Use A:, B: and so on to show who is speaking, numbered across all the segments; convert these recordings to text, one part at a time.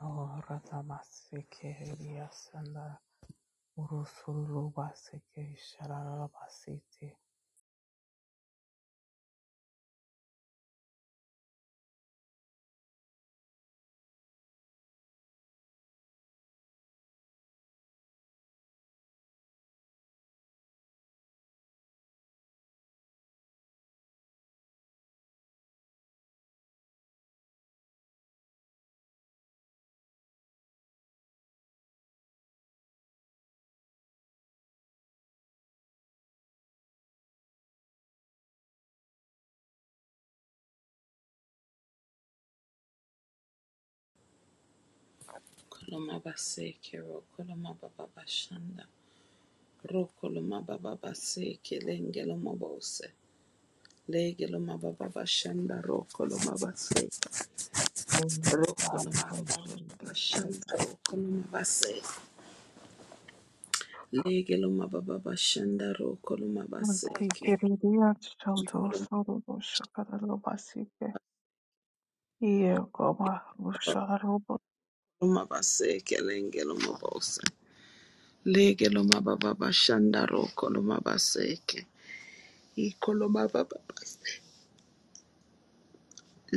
A: Orata basike eliasanda urusulu basike sharara basiti.
B: Koloma baseke ro koloma baba bashanda ro koloma baba baseke lengelo mabose legelo mababa bashanda ro koloma baseke ro koloma baba bashanda ro koloma baseke legelo mababa bashanda ro koloma baseke koloma baseke lengelo mabose legelo mababa bashanda ro koloma baseke ikoloma baba baseke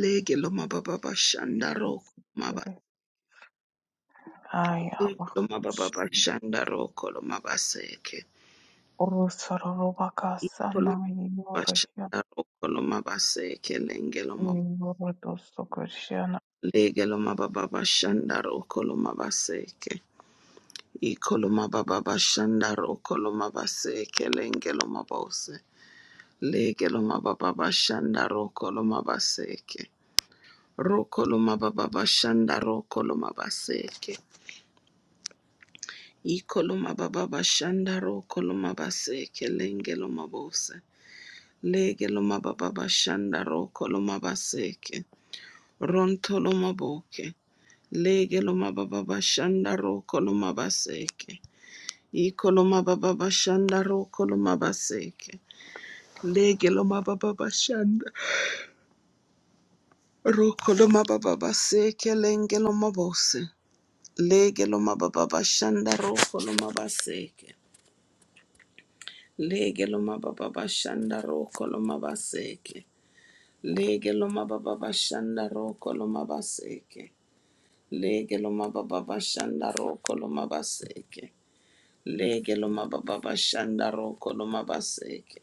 B: legelo mababa bashanda ro Loma baba bashanda roko loma baseke.
A: Urusoro
B: Koloma bashanda roko loma baseke lenge loma lege loma baba bashanda roko loma baseke. Iko loma baba bashanda roko loma baseke lenge loma bose. Lege loma baba bashanda roko loma baseke. Roko loma baba bashanda roko loma baseke. Iko loma baba bashanda roko loma baseke lenge loma bose. Lege loma baba bashanda roko loma baseke. Ronto loma boke. Lege loma baba bashanda roko loma baseke. Iko loma baba bashanda roko loma baseke. Lege loma baba bashanda roko loma baba baseke. Lenge loma bose. Lege loma baba bashanda roko loma baseke. Lege loma baba bashanda roko loma baseke. Lege loma baba bashanda roko loma baseke. Lege lo mababa bashanda roko lo mabaseke. Lege lo mababa bashanda roko lo mabaseke.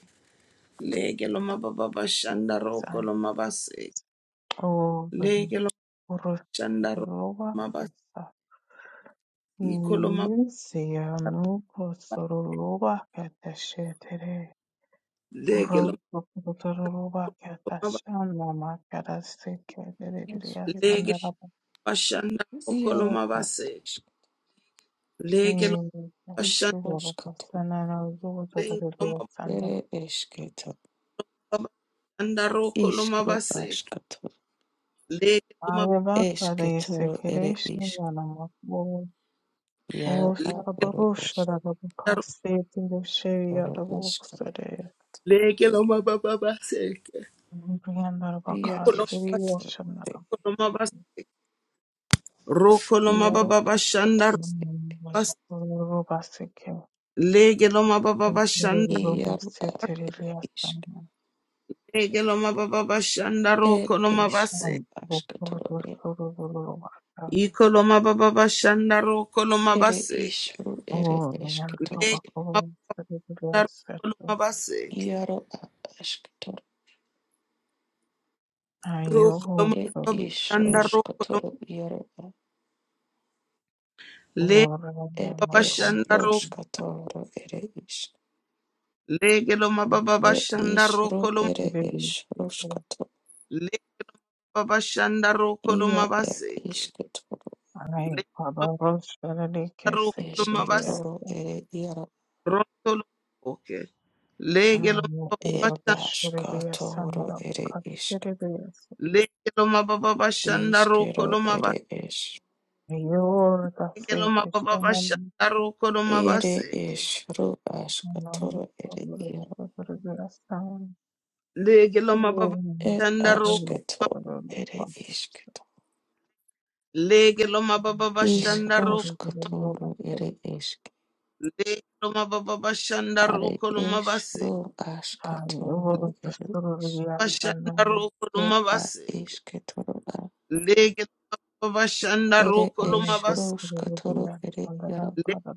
B: Lege lo mababa bashanda roko lo mabaseke. Lege lo shanda roko lo mabaseke. Iko lo mababa.
A: Isianu kosororoba katashetere.
B: Lege
A: Oro
B: lo
A: kosororoba
B: mababa.
A: katashana makarase kerere
B: Lege lo
A: sandara
C: Iškitoš.
B: bashanda roko lo
C: Iero
B: mabaseke.
C: ataš.
A: bakiri
B: Lege lo bashanda
A: kashiro
C: Iškruškato.
A: kasana na ugo
B: lege lo
A: zotere sandara.
C: Ere eškito.
B: mababa bashanda roko lo
C: Iškru
B: mabaseke.
C: aškato.
B: Lege lo mababa.
A: Aleva kadese
C: Eškitoro ere
A: kereshi
C: išk.
A: yana makbo. O
C: Iero a ere
A: sarabaro
C: ešk.
A: sharabu kase tere sheya
C: Ere
A: da bu
C: iškru.
A: kusare.
B: Lege lo mababa bashanda roko lo mabaseke.
A: Briandara
C: Ia
A: bakasiri
C: eškitoro
A: yashamna.
C: ere.
B: Roko loma
C: Iero
B: baba
C: aškato.
B: bashanda
A: Thank
B: rabas
A: you.
B: lege loma baba bashanda
C: Iero a
B: rabas
C: išk.
B: lege loma baba bashanda roko
C: Ed
B: loma base
C: iškru aškatoro ere.
B: iko loma baba bashanda roko loma
C: Ere
B: baseke
C: iškru ere eškitoro.
B: lege loma baba roko loma baseke
C: Iero a aškatoro.
B: roko loma
C: Ed
B: baba bashanda roko loma
C: išruškatoro iero
B: lege
C: Ed
B: baba
C: es
B: shanda roko
C: roskatoro ere is.
B: lege loma baba
C: Ed
B: bashanda
C: is
B: roko
C: ro
B: loma
C: ere es roskato.
B: lege baba shanda roko loma
C: Ia ed
B: baseke
C: isketoro.
B: lege loma roko loma
C: Esketoro ere iara.
B: Rontolo oke. Lege lo
C: Ed
B: mababasha.
C: askatoro ere isk.
B: Lege lo mababasha roko lo
C: Iskero
B: maba.
C: ere es.
A: Your
B: Lege lo
A: traffic is
B: mababasha roko lo
A: on
C: Ere
B: rokolomabase,
C: es ro
A: and
C: askatoro ere
A: public
C: iara.
A: regression.
B: Lege lo
A: Soon,
C: Ed
B: mababasha roko.
A: Your
C: asketoro ere isketo.
B: Lege lo mababasha
C: Is
B: roko.
C: roskatoro ere isk. Are es ro askatoro ere is.
A: Pastorias and the Pastorias and
C: Ed a isketoro a ere eshoroskatoro ere
A: the
C: yaro
A: Pada.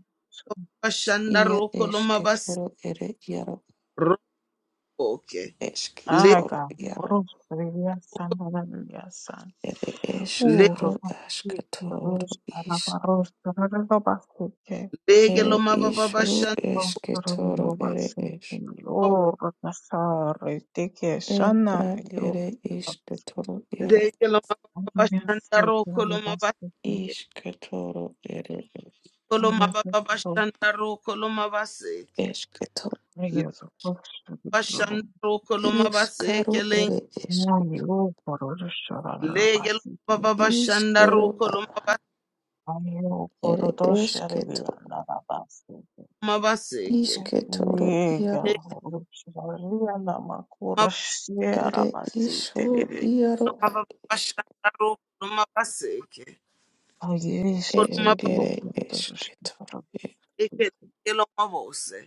C: ia esketoro ere yaro esketoro yaro ere eskaro asketoro is
A: I will Aga
B: Lege lo
C: ere
B: mababa
C: ishoro
B: bashanda
C: esketoro ere es
B: mab-
C: ed a ere isketoro yaro
B: lege lo mababa bashanda roko lo mabase
C: isketoro ere es
B: lo mababa bashanda roko lo mabaseke
C: Esketo.
B: Le bashanda roko lo mabaseke
C: iskaro
B: le
C: ere esketo
B: lege lo mababa bashanda
C: iskero
B: roko
C: a
B: lo maba-
C: ere esketo
B: mabaseke
C: Ishketoro iaro
B: le mababa
C: ere ishoro iaro
B: mababa
C: ad ish
B: bashanda roko lo mabaseke lo
C: es
B: mabaseke
C: ere esketoro e
B: lege lo mabose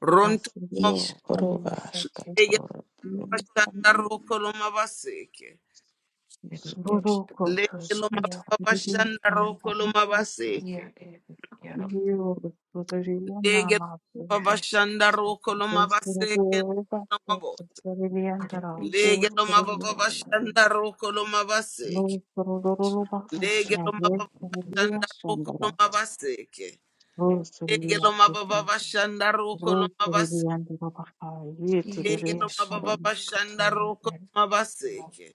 B: ronto lo
A: Asuro
B: mab-
C: ishoro
A: amaseke
B: lege lo
C: askatoro
B: bashanda
A: y'ibisambo
B: roko lo mabaseke
C: ere
A: sururoko
C: esketoro
B: Lege lo
A: tushime
C: esketoro
B: mababa shanda roko lo
A: ibirizombamuka
C: ia
B: mabaseke.
C: ere iaro
A: yiururiye
B: Lege lo
A: n'amaguru
B: mababa shanda roko
C: esketoro
B: lo
C: ere
B: mabaseke
A: usurururba
B: lo mabose.
A: tushiririendera
B: Lege
C: ishoro
B: lo mababa
C: skatoro
A: kusururukira
B: shanda roko lo mabaseke.
A: rusurururba
C: ishoro
B: Lege lo
A: kasinagiye
C: askatoro
B: mababa shanda roko
A: sururiyendera
B: lo mabaseke.
C: ere
B: Lege lo
A: rusuriyasike
B: mababa roko lo mabaseke.
A: rusuririendera
C: ia
B: Lege
A: bakayitiririye
B: lo
C: ishoro
A: sambama
B: mababa
C: skatoro
B: roko lo
C: ere
B: mabaseke.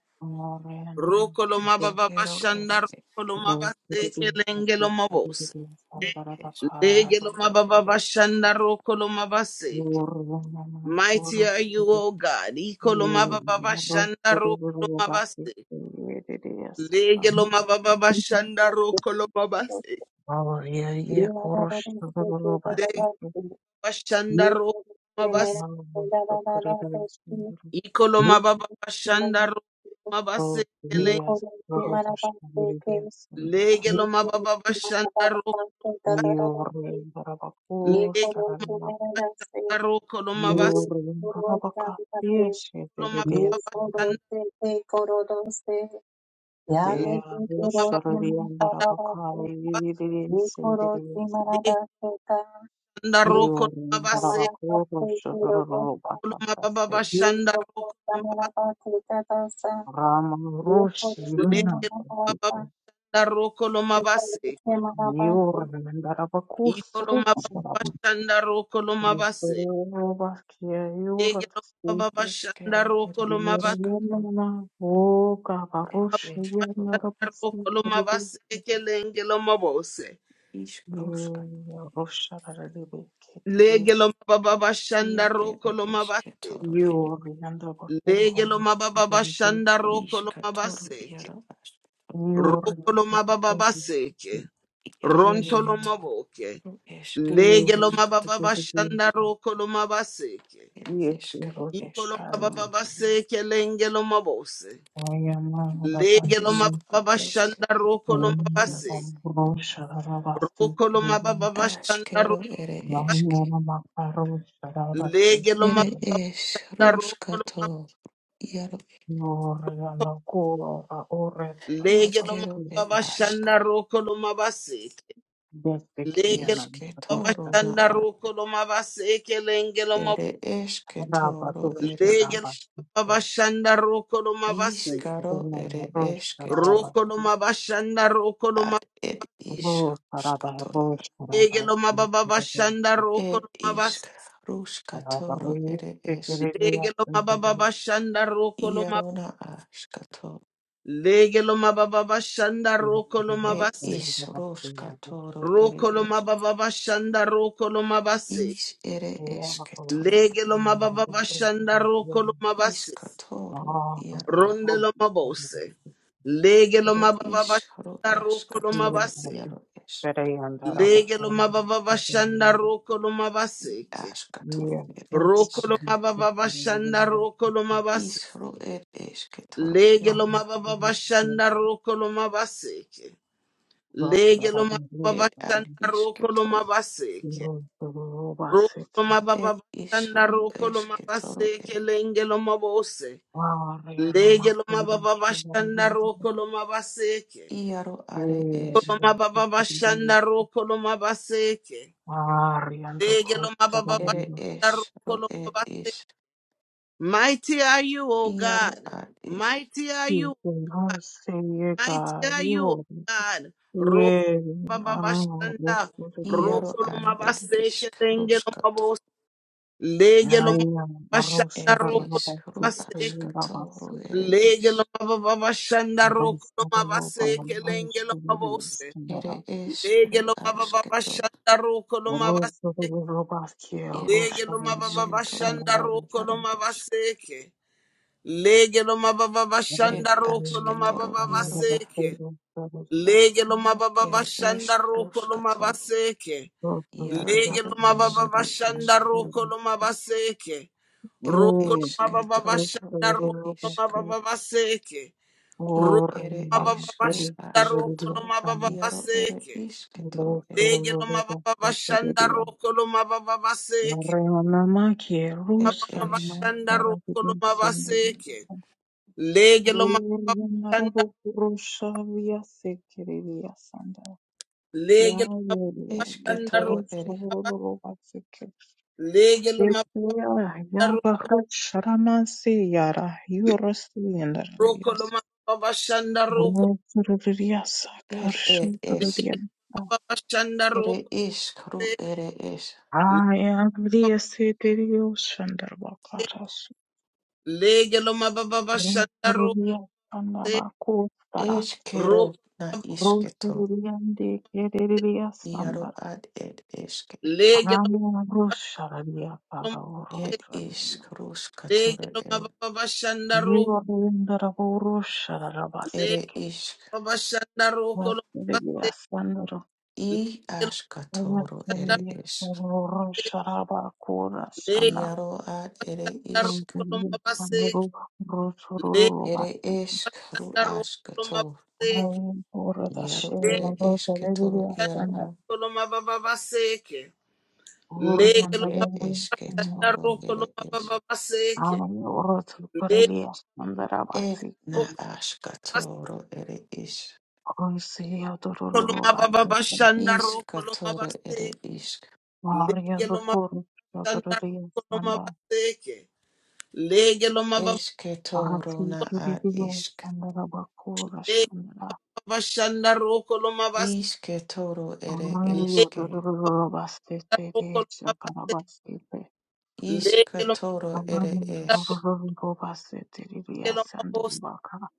A: orena
B: Roko lo mababa
C: ishkero ere
B: roko lo
A: Rose
B: mabaseke
A: Beans,
B: lenge lo mabose.
A: Beans, and Barabaka,
B: Legeloma
C: Toro
B: baba
C: ere
B: bashanda
C: iaro
B: rokoloma baseke.
A: Urumana,
B: Mighty
A: Rose
B: are you, O God. Ikoloma baba bashanda rokoloma
A: Rubati,
B: baseke.
A: Redias,
D: Yane
B: Legeloma baba
D: ki
B: bashanda
D: koro si
B: rokoloma
D: mana
B: baseke.
A: our Yea
D: baba
A: Korosh,
D: se,
B: Legeloma
A: Rubasi, the
D: ye
B: bashanda rokoloma baseke.
A: Caribbeans,
B: Ikoloma baba bashanda rokoloma
A: Rose
B: baseke lengo.
A: Beans, Rosash, Redias, and
B: Legeloma baba bashanda rokoloma baseke. Legeloma bashanda rokoloma baseke.
A: Urim
B: Legeloma
A: Barabaku,
B: baba
A: Saranab,
B: bashanda rokoloma
A: Urim Barabaka, Yes, Redias, There shall be under a Bakai, Vivians in the
D: koro si
A: Rinsa.
D: mana
B: baseke.
D: da
B: Shanda
D: Thank
B: roko
A: You
B: baba
A: under a Bakoro Shadoro
B: koloma baba
A: Bakatase.
B: bashanda roko baba
A: Rama Rush,
B: le
A: Yuna,
B: baba roko loma base
A: Yur
D: you.
A: and Arabakus
B: ikoloma baba
A: Rushara.
B: bashanda roko loma base
A: Rubakia,
B: ege
A: Yurat State,
B: baba bashanda
C: iskero
B: roko
C: ere
B: loma base
C: iskatoro
A: Yurlana, O Gabarush,
C: ere iskatoro
B: bashanda roko loma
A: Yanarabas,
B: base kelenge loma bose
C: iskroskatoro
A: Rushara, Ribik,
B: lege loma baba
C: ia
B: bashanda roko
C: ere
B: loma base
C: isketoro ere
A: Yuri yanda bakuru
B: lege loma baba
A: bategereje
B: bashanda roko loma
C: iskatoro
B: base
C: iaro askatoro
A: Yuri
B: roko loma baba
A: bategereje
B: base
C: iaro
A: yini
B: ronto loma
C: isketoro
B: boke
C: iskar
B: Lege
A: Yuri
B: lo mababa
C: askatoro
A: bategereje
B: bashanda roko lo mabaseke.
C: ere
A: yekero
C: iskaro
B: Iko lo
A: shani
B: mababa
C: isketoro
B: baseke lenge lo mabose.
A: aya mara
B: Lege lo
A: basi
C: iskaro
B: mababa bashanda
C: isketoro
A: I
B: roko lo
C: ere iaro
B: mabase.
A: bambrosha rabasi
B: Roko lo
A: tibibu
B: mababa bashanda
C: askero
B: ro.
C: ere iske
A: Yuri makarosha rabasi
B: Lege lo
C: ere
B: mababa bashanda roko lo
C: iskroskatoro iaro
A: Yuri
B: mabase.
A: yanda kuro ba ore
B: Lege lo
C: iskero
A: rabasi
B: mababa
C: ere askatoro
B: bashanda roko lo mabaseke.
A: Besi
B: Lege lo mababa
A: kiyana makarosha
C: Ishketoro na
B: bashanda roko lo mabaseke lenge lo mabose.
C: ere esketoro
A: Rabadosh
C: ere
B: Lege lo
C: ish
B: mababa
A: Rabasito,
B: bashanda roko lo mabase.
C: ishkaro
A: Roma,
C: ere
A: Rosh
C: esketo
B: Roko no
A: Rabasi,
B: mabashanda
C: ad ed
A: Rosh Rabba,
C: ishkatoro
A: Rosh
B: Legelo
A: Rabasi,
B: mababa bashanda roko
C: ed
B: lo mabas.
C: ishkaruskatoro
A: Rabaris,
C: ere es
A: Sekiriya,
B: Legelo
A: and the
B: mababa
A: Vinci,
B: bashanda roko lo mab.
C: iarona ashkato
B: Legelo mababa bashanda
A: and
B: roko lo
A: the
C: ed
B: mabase.
A: Rabasito,
C: ishruskatoro ere
B: Roko lo
C: es
B: mababa bashanda roko lo mabase.
C: ish ere
A: Rabato,
C: esketoro
B: Legelo mababa
A: Rabato,
B: bashanda roko lo mabase.
C: ishkatoro
A: Rabato,
C: iaro
B: Ronde lo mabose.
A: Rabato,
B: Legelo
C: ere
B: mababa
C: ishru
B: bashanda roko lo
C: eskatoro
B: mabase.
C: iaro es
A: Pere and Arabo,
B: Legelo mababa bashanda roko lo mabase.
C: ashkatoro
A: Yes,
C: ere
B: Roko
C: es
B: lo mababa bashanda roko lo mabase.
C: Ishru ed esketoro
B: Lege lo
C: iaroa.
B: mababa
A: Ariando
B: bashanda roko lo mabaseke.
A: Costa
B: Lege lo mababa
C: Ed ad
B: bashanda roko lo
C: isketo.
B: mabaseke. Roko lo
C: Ed
B: mababa bashanda
C: ishru
B: roko lo
C: esketoro
B: mabaseke
C: ed.
B: lenge lo mabose. Lege lo mababa bashanda roko lo mabaseke.
C: Iaro are es.
B: Roko Lo mababa bashanda roko lo mabaseke. Lege lo mababa
C: Ere
A: Barbara.
B: bashanda
C: es.
B: roko
C: Ro
B: lo
C: ed
B: mabaseke.
C: is.
B: Mighty are you, O
C: Iaro
B: God.
C: ad is.
B: Mighty are you.
A: You cannot say ye
B: I
A: God,
B: tell
A: you
B: you, O
A: will.
B: God, Roko
A: Yea, Arno,
B: Babashanda,
A: let's go to the yes.
C: Iaro
B: Roko
C: ad ed
B: Mabaseke,
C: isk. Ruskato.
B: Lengelomabo,
A: Aya, Aros,
B: Legelomabashanda,
C: Ed
A: Rabba,
B: Roko
A: Rabba,
C: isk. Ru
B: Mabaseke,
C: askato. Ro ere is.
B: Legelomabashanda, Roko
A: Rabba,
B: Mabaseke,
A: Rabba,
B: Lengelomabose,
A: Rabba,
C: Ere es. Ru asketo.
B: Legelomabashanda, Roko
A: Rus, Rus,
B: Mabaseke,
C: Ed
A: Rus,
C: ad
A: Rus,
C: isketoro
B: Legelomabashanda,
C: ad.
B: Roko
C: Iaro esk.
B: Mabaseke,
C: Ed
B: Legelomabashanda, Roko
C: asketoro iaro ad.
B: Mabaseke, Lege loma baba
C: Ere
B: bashanda
C: esk.
B: roko loma
C: Ruskato.
B: baseke.
C: Iaro
B: Lege
C: ere
B: loma baba
C: iskru
B: bashanda
C: askru
B: roko loma baseke.
C: ed
B: Roko loma baba
C: esketoro
B: bashanda
C: ere
B: roko loma
C: isk
B: baba baseke. Roko
C: i ere
B: loma baba
C: esru
B: bashanda roko
C: askato
B: loma baba
C: iaro ere
B: baseke.
C: isketoro ed
B: Lege loma baba bashanda roko loma baba baseke. Loma
C: ed es
B: bashanda roko loma baseke. Lege
A: Yes,
B: loma baba bashanda. Lege loma bashanda
C: esketoro
B: roko.
C: ere
B: Lege loma Roko loma baba shanda roko
C: ed ed
B: le
C: es
B: baba shanda
C: ere
B: roko
C: iskru ere es
B: le lege loma baba shanda roko le
C: eskero
B: roko
C: na isketo iaro ad ed eske
B: lege loma
A: Anamurusharaliya
C: ed
A: paraurusharaliya.
C: iskru
B: lege
C: skatoro
B: loma
C: ere
B: baba shanda roko le
C: ere
A: Yivarindaraburusharabasike.
C: isk
B: baba shanda roko loma lege loma
A: Vasililiya sandara.
C: i askatoro ere
A: Vasililiya
C: es
A: parurusharabakura
B: lege
A: shana,
C: Iaro ad ere isk
B: roko loma
A: Anamorosharabia
B: base lege
C: ere
A: paraorosharabia.
C: esk ru
B: shanda roko loma
C: asketoro.
A: Yorindaraborosharabasike.
B: base
A: Vasiliasandra. Vasiliya
C: Iaro
B: lege
C: ere esketoro iaro
A: parorosharabakoroshana. Vasiliyasandaru rosorolobate. Ayorodashaya rosaliliasandra.
C: ad
B: loma baba seke lege loma
C: ie
A: Oriyandarabasandra.
B: shanda
C: esketoro
B: roko
C: ere
B: loma
C: es.
B: baba seke
C: E
A: Ayorotsukoreliasandarabasike.
C: na
B: Rokoloma
C: asketoro ere is.
B: baba
A: Koisiyadororobate.
B: bashanda rokoloma
C: Iskatoro
B: baste
C: ere isk.
A: Maria
B: lege loma
A: Zukur,
B: bashanda
A: Yotorilia
B: rokoloma
A: Sanda,
B: basteke lege loma baba
C: Esketoro
A: Rafi
C: na ad
A: Kirilia
C: isk.
A: Sanda Bakura
B: lege
A: Shanda,
B: loma bashanda rokoloma baste
C: Isketoro ere
A: Rio
B: lege
C: eske.
A: Dorobasete,
B: rokoloma baste
A: Chakarabasete,
B: lege loma
C: Iskatoro ere
A: Abraham
B: roke
C: es.
A: Dorobasete, Lilia
B: loma
A: Sanda
B: bos
A: Baka,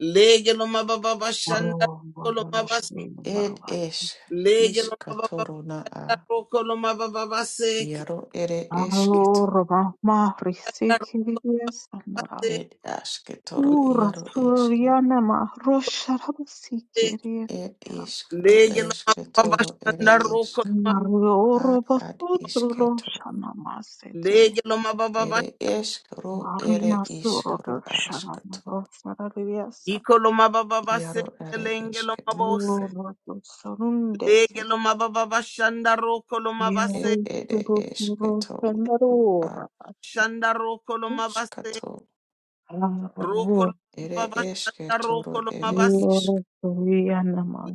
B: lege loma baba bashanda
A: Ro
B: rokoloma
A: Boroshi
B: baste
C: Ed
A: Barba,
C: es.
B: lege loma baba
C: Iskatoro na a.
B: bashanda rokoloma baba basteke
C: Iaro ere
A: Aro
C: esketo.
A: Rabahma,
B: shanda
A: Risiki Lilia
B: rokoloma
A: Sanda,
B: basteke
C: It aske toro
A: Ura
C: iaro eske.
A: Suriana Mahrosharabasi Kiria
C: it
A: Sakara.
C: iskru
B: lege loma
C: eske
B: baba
C: toro ere
B: bashanda
C: iskru. Ad ad isketo.
A: Narorobosutruloshanamasete.
B: rokoloma
C: Ere eskru ere iskru asketo.
A: Variasuroboshanamosarariasa.
B: Ikoloma baba base
C: Iaro ere
B: kelenge loma
C: esketoro
B: bose.
C: ed.
A: Yorobosarundeke.
B: Lege loma baba bashanda roko loma base.
C: it ere esketo. Ru a
A: Yorosurukuroshanarorabasi.
B: Shanda roko loma base.
C: ruskato.
B: Roko
A: Arwo.
B: loma
C: Ere
B: baba shanda
C: esketoro
B: roko loma
C: ere
B: base.
C: isk.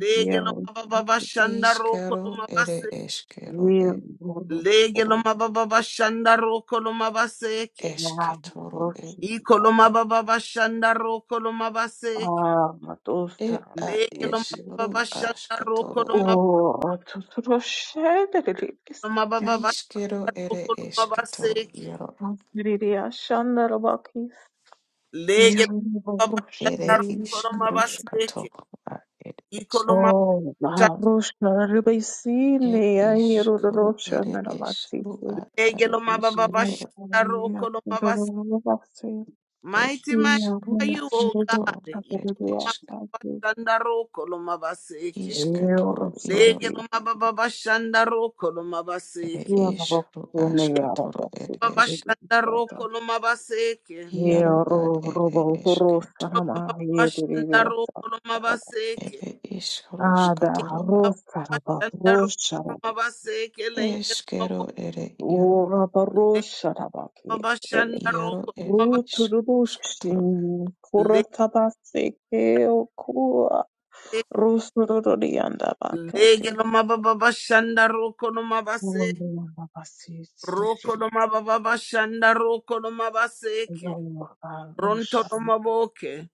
B: Lege loma baba bashanda roko
C: Iskero
B: loma
C: ere
B: base.
C: eskero e
A: Yoroboro.
B: Lege loma baba bashanda roko loma base ke.
C: Esketoro ed.
A: Naroroshanabaka.
B: Ikoloma baba bashanda roko loma base ke.
C: Ed ad
B: Lege loma
A: Armatosaramayete.
B: baba
C: iskru
B: bashanda roko
C: asketoro e
B: loma
A: Oh, Marusha
B: base. Loma baba bashanda
C: Ishkero ere
B: roko loma base
C: esketoro iaro
B: lege
C: ere
B: babashanda koloma
C: ishkarushkato
B: baseke
C: a ere es
B: ikoloma bashanda
C: e
A: Rebesine, Ayero
C: ishkaru
A: Rosha
C: ere esru
A: Naramasito.
C: a
B: lege
C: ere
B: loma
C: ishketoro
B: babashanda koloma baseke
C: ere
B: mighty mighty are
C: ishru
B: you oh god
C: ashkatoro ere
B: ikoloma
C: esk
B: babashanda koloma baseke
C: ishketoro iaro
B: lege loma babashanda koloma
C: ere
B: baseke
C: ishru ashkatoro ere esk
B: babashanda koloma baseke
A: Ye
C: iaro a
A: ro
C: ere
A: robo horo
C: esketo
A: sarama ye diri
B: babashanda
A: diri
B: koloma
A: sarama.
B: baseke
C: ere
A: Ada
C: ishkarushkatoro a
A: haro saraba horo
B: babashanda koloma
A: saraba.
B: baseke lenge
C: eskero ere iaro
A: O raba ro saraba ke diri.
B: Babashanda
C: iaro ere
B: maba
A: Ru turubu
C: ishkarushkatoro
A: shin koro
B: lege
A: tabase ke o kua. Ru sururu rianda bakati.
B: lege no maba babashanda no
A: O
B: mabase
A: rianda basi
B: roko
A: sikiri.
B: no maba babashanda no mabaseke
A: Ro raba ro
B: ronto no
A: sarama.
B: maboke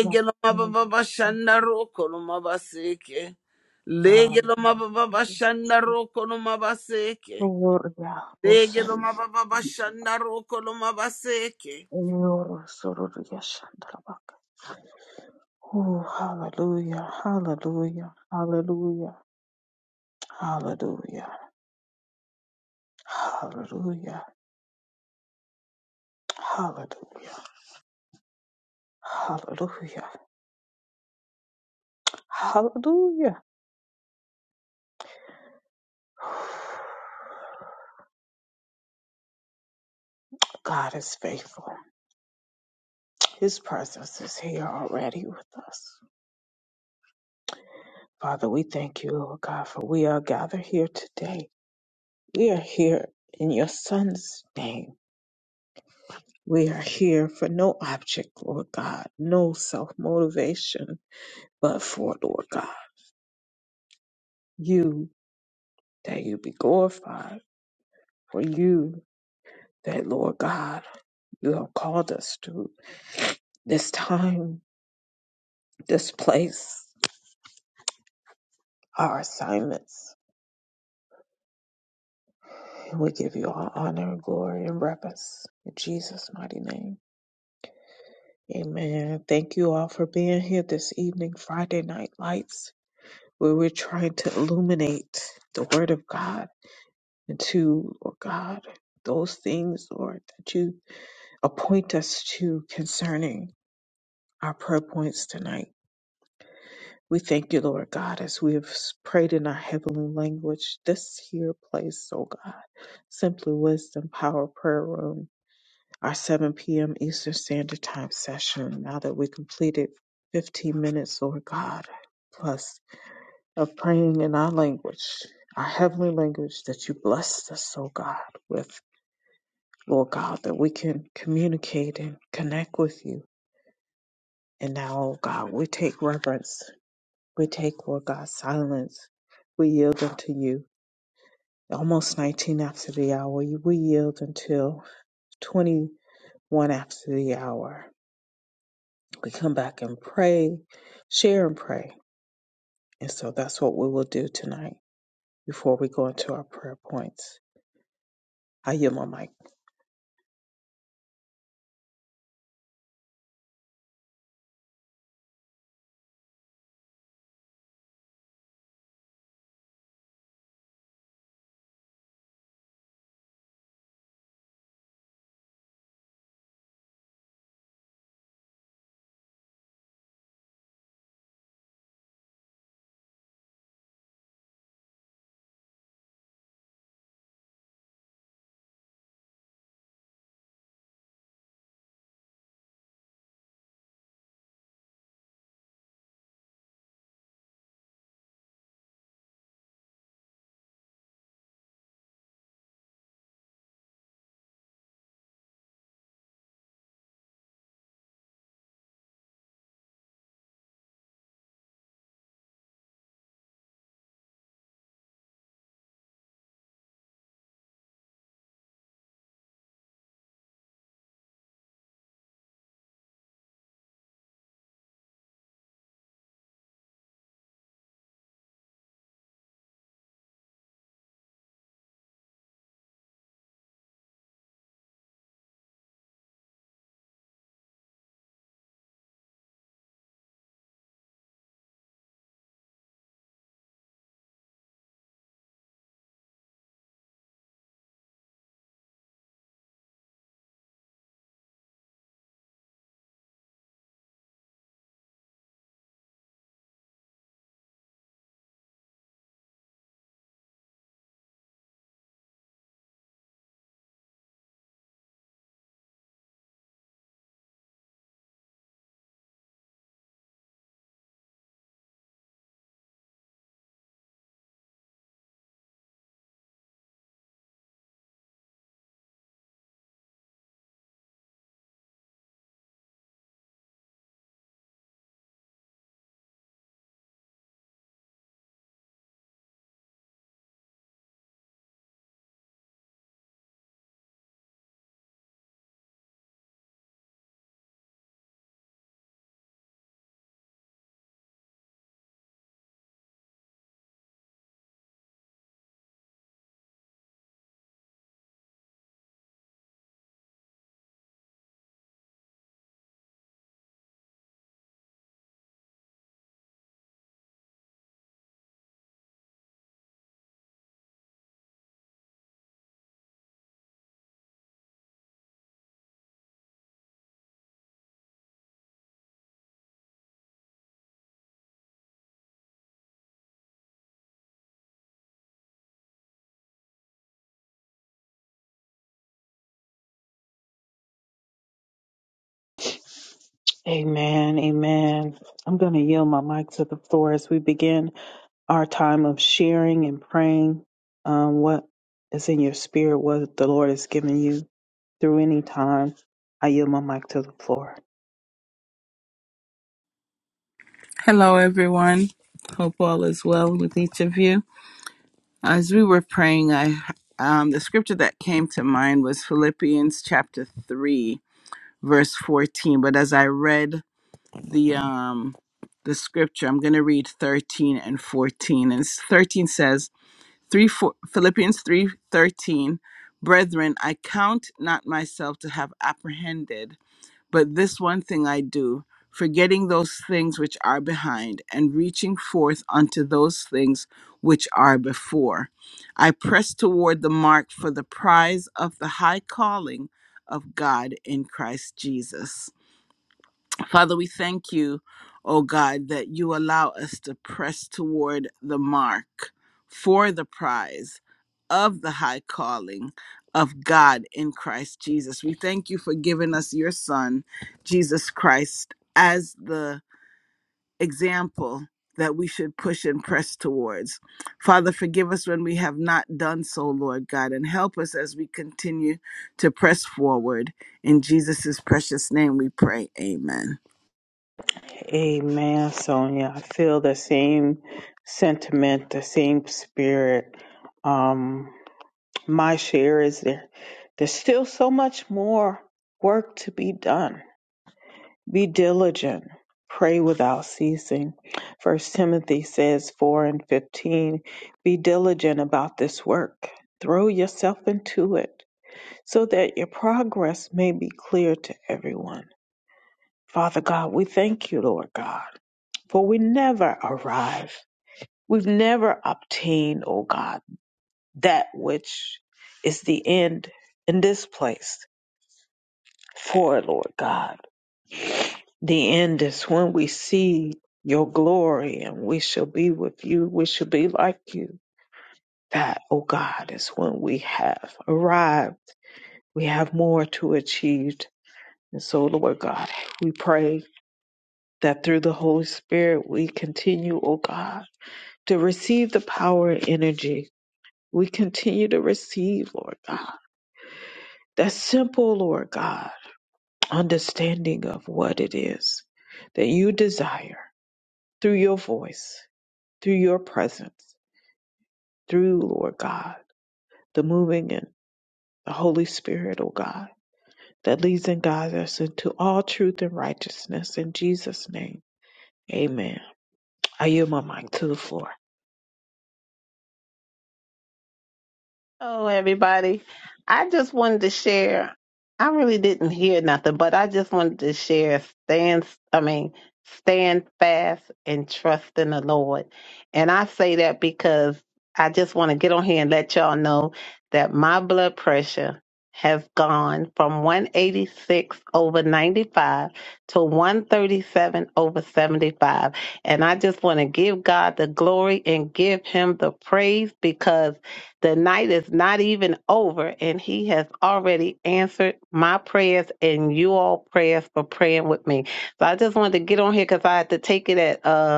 A: Ro
B: no maba
A: ro.
B: babashanda no mabaseke
A: Ah,
B: lege no
A: ro
B: maba babashanda no mabaseke lege no maba babashanda no mabaseke
A: Yoro sororo yashandarabaka. Oh, hallelujah, hallelujah, hallelujah, hallelujah, hallelujah, hallelujah, hallelujah, hallelujah. God is faithful. His presence is here already with us. Father, we thank you, Lord God, for we are gathered here today. We are here in your Son's name We are here for no object, Lord God, no self motivation, but for, Lord God, you, that you be glorified, for you, that, Lord God, you have called us to this time, this place, our assignments. And we give you all honor, glory, and reverence. In Jesus' mighty name. Amen. Thank you all for being here this evening, Friday Night Lights, where we're trying to illuminate the Word of God to, Lord God, those things, Lord, that you appoint us to concerning our prayer points tonight. We thank you, Lord God, as we have prayed in our heavenly language, this here place, oh God, Simply Wisdom Power Prayer Room, our 7 p.m. Eastern Standard Time session. Now that we completed 15 minutes, Lord God, plus of praying in our language, our heavenly language that you blessed us, oh God, with. Lord God, that we can communicate and connect with you. And now, oh God, we take reverence. We take, Lord God, silence. We yield unto you. Almost 19 after the hour, we yield until 21 after the hour. We come back and pray, share and pray. And so that's what we will do tonight before we go into our prayer points. I yield my mic. Amen. Amen. I'm going to yield my mic to the floor as we begin our time of sharing and praying um, what is in your spirit, what the Lord has given you through any time. I yield my mic to the floor.
B: Hello, everyone. Hope all is well with each of you. As we were praying, I um, the scripture that came to mind was Philippians chapter three, verse fourteen. But as I read the um, the scripture, I'm going to read thirteen and fourteen. As three thirteen, bread, but do forgiveness which were I poured the markling of Father. We thank you, oh God, that you allow us to press toward the mark for the prize of the high calling of God in Christ Jesus. We thank you for giving us your Son, Jesus Christ, as the example that we should push and press towards. Father, forgive us when we have not done so, Lord God, and help us as we continue to press forward. In Jesus' precious name we pray. Amen.
A: Amen, Sonia. I feel the same sentiment, the same spirit. Um, my share is there. There's still so much more work to be done Be diligent, pray without ceasing. First Timothy says 4 and 15, be diligent about this work. Throw yourself into it so that your progress may be clear to everyone. Father God, we thank you, Lord God, for we never arrive. We've never obtained, O God, that which is the end in this place for, Lord God. The end is when we see your glory and we shall be with you. We shall be like you. That, O God, is when we have arrived. We have more to achieve. And so, Lord God, we pray that through the Holy Spirit we continue, O God, to receive the power and energy. We continue to receive, Lord God, that simple, Lord God, understanding of what it is that you desire through your voice through your presence, through, Lord God, the moving and the Holy Spirit, O God, that leads and guides us into all truth and righteousness. In Jesus' name, amen. I yield my mic to the floor.
E: Hello, everybody. I just wanted to share. I really didn't hear nothing, but I just wanted to share stand, I mean, stand fast and trust in the Lord. And I say that because I just want to get on here and let y'all know that my blood pressure has gone from 186 over 95 to 137 over 75. And I just want to give God the glory and give him the praise because the night is not even over, and He has already answered my prayers and you all prayers for praying with me. So I just wanted to get on here because I had to take it at uh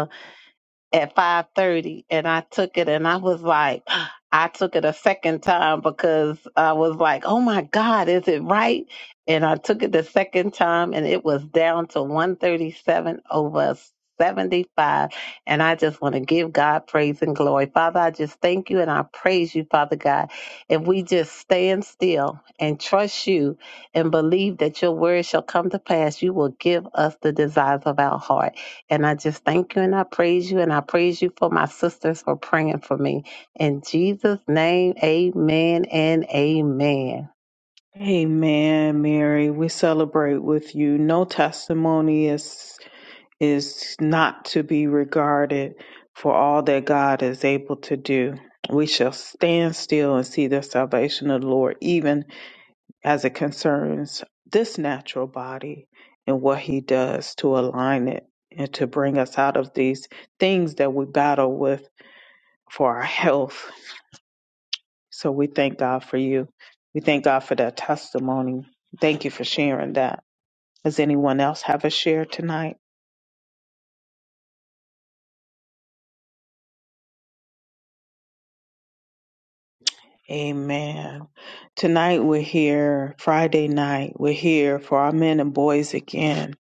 E: at 5:30 and I took it and I was like I took it a second time because I was like, "Oh my god, is it right?" And I took it the second time and it was down to 137 over 75 and I just want to give God praise and glory. Father, I just thank you and I praise you, Father God. If we just stand still and trust you and believe that your word shall come to pass, you will give us the desires of our heart. And I just thank you and I praise you and I praise you for my sisters for praying for me. In Jesus' name, amen and amen.
A: Amen, Mary. We celebrate with you. No testimony is is not to be regarded for all that God is able to do. We shall stand still and see the salvation of the Lord, even as it concerns this natural body and what he does to align it and to bring us out of these things that we battle with for our health. So we thank God for you. We thank God for that testimony. Thank you for sharing that. Does anyone else have a share tonight? Amen. Tonight we're here, Friday night, we're here for our men and boys again.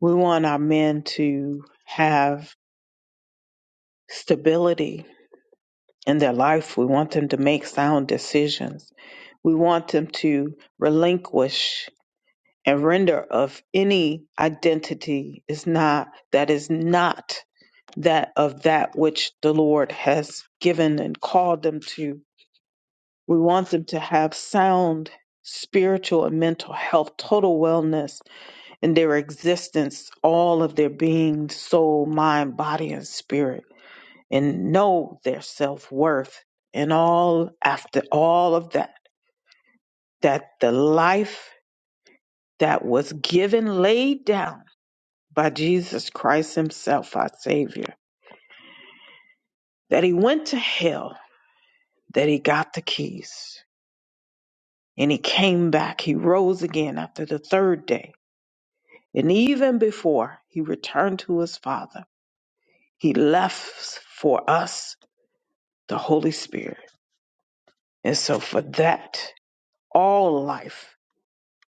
A: We want our men to have stability in their life. We want them to make sound decisions. We want them to relinquish and render of any identity is not that is not that of that which the Lord has given and called them to. We want them to have sound spiritual and mental health, total wellness in their existence, all of their being, soul, mind, body, and spirit and know their self worth and all after all of that, that the life that was given, laid down by Jesus Christ Himself, our Savior, that He went to hell, that He got the keys, and He came back. He rose again after the third day. And even before He returned to His Father, He left for us the Holy Spirit. And so, for that, all life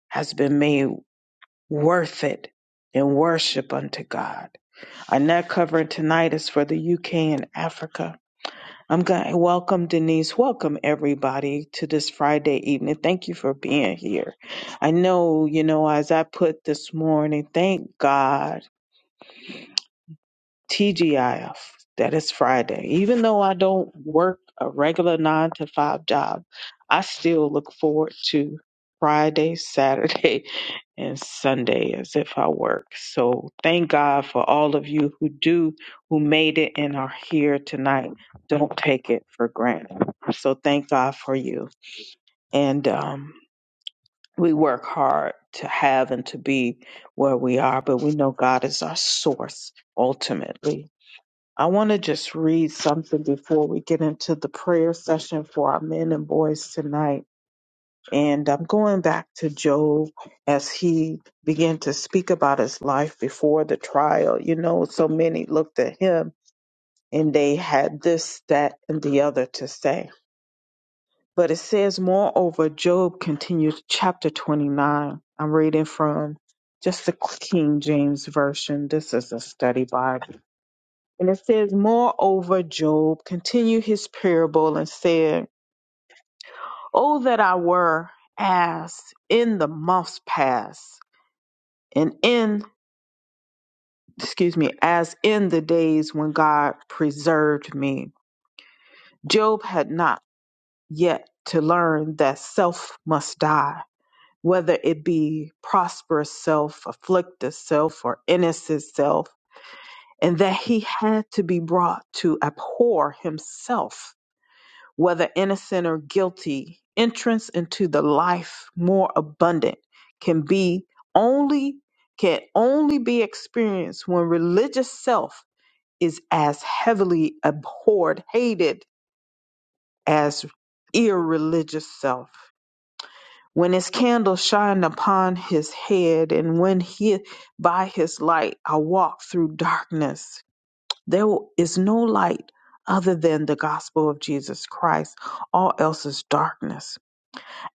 A: has been made. worth it in worship unto God. Our net covering tonight is for the UK and Africa. I'm going to welcome Denise. Welcome everybody to this Friday evening. Thank you for being here. I know, you know, as I put this morning, thank God, TGIF, that it's Friday. Even though I don't work a regular nine to five job, I still look forward to Friday, Saturday, and Sunday as if I work. So thank God for all of you who do, who made it and are here tonight. Don't take it for granted. So thank God for you. And um, we work hard to have and to be where we are, but we know God is our source ultimately. I want to just read something before we get into the prayer session for our men and boys tonight and I'm going back to Job as he began to speak about his life before the trial. You know, so many looked at him and they had this, that, and the other to say. But it says, moreover, Job continues, chapter 29. I'm reading from just the King James Version. This is a study Bible. And it says, moreover, Job continued his parable and said, Oh, that I were as in the months past and in excuse me as in the days when god preserved me job had not yet to learn that self must die whether it be prosperous self afflicted self or innocent self and that he had to be brought to abhor himself whether innocent or guilty entrance into the life more abundant can be only can only be experienced when religious self is as heavily abhorred, hated as irreligious self. When his candle shined upon his head, and when he by his light I walked through darkness, there is no light other than the gospel of Jesus Christ. All else is darkness.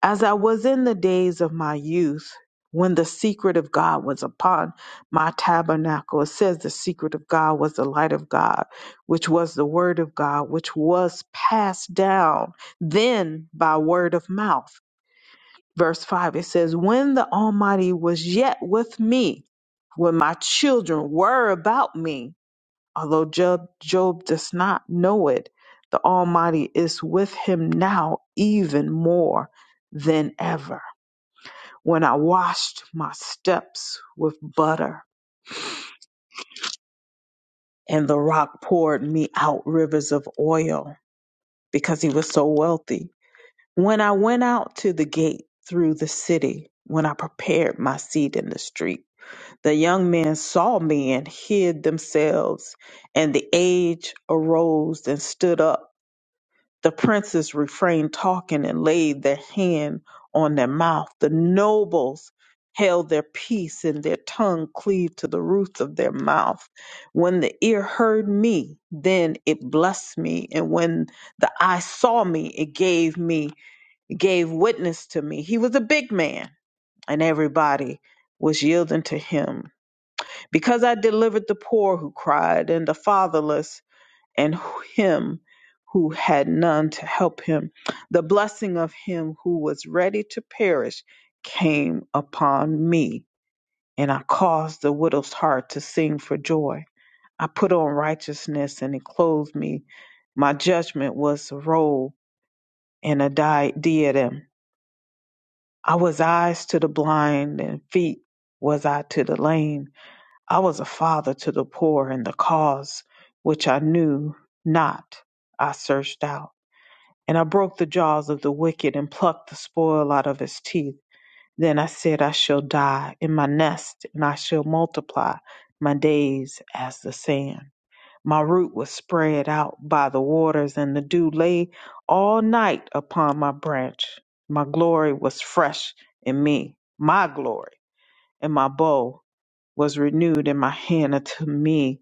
A: As I was in the days of my youth, when the secret of God was upon my tabernacle, it says the secret of God was the light of God, which was the word of God, which was passed down then by word of mouth. Verse 5, it says, When the Almighty was yet with me, when my children were about me, although Job, Job does not know it, the Almighty is with him now even more than ever when I washed my steps with butter, and the rock poured me out rivers of oil because he was so wealthy. When I went out to the gate through the city, when I prepared my seat in the street, the young men saw me and hid themselves, and the aged arose and stood up The princes refrained talking and laid their hand on their mouth. The nobles held their peace and their tongue cleaved to the roof of their mouth. When the ear heard me, then it blessed me, and when the eye saw me, it gave me it gave witness to me. He was a big man, and everybody was yielding to him. Because I delivered the poor who cried and the fatherless and him who had none to help him. The blessing of him who was ready to perish came upon me, and I caused the widow's heart to sing for joy. I put on righteousness and it clothed me. My judgment was a robe and a di- diadem. I was eyes to the blind and feet was I to the lame. I was a father to the poor and the cause which I knew not I searched out. And I broke the jaws of the wicked and plucked the spoil out of his teeth. Then I said, I shall die in my nest, and I shall multiply my days as the sand. My root was spread out by the waters, and the dew lay all night upon my branch. My glory was fresh in me, my glory, and my bow was renewed in my hand unto me.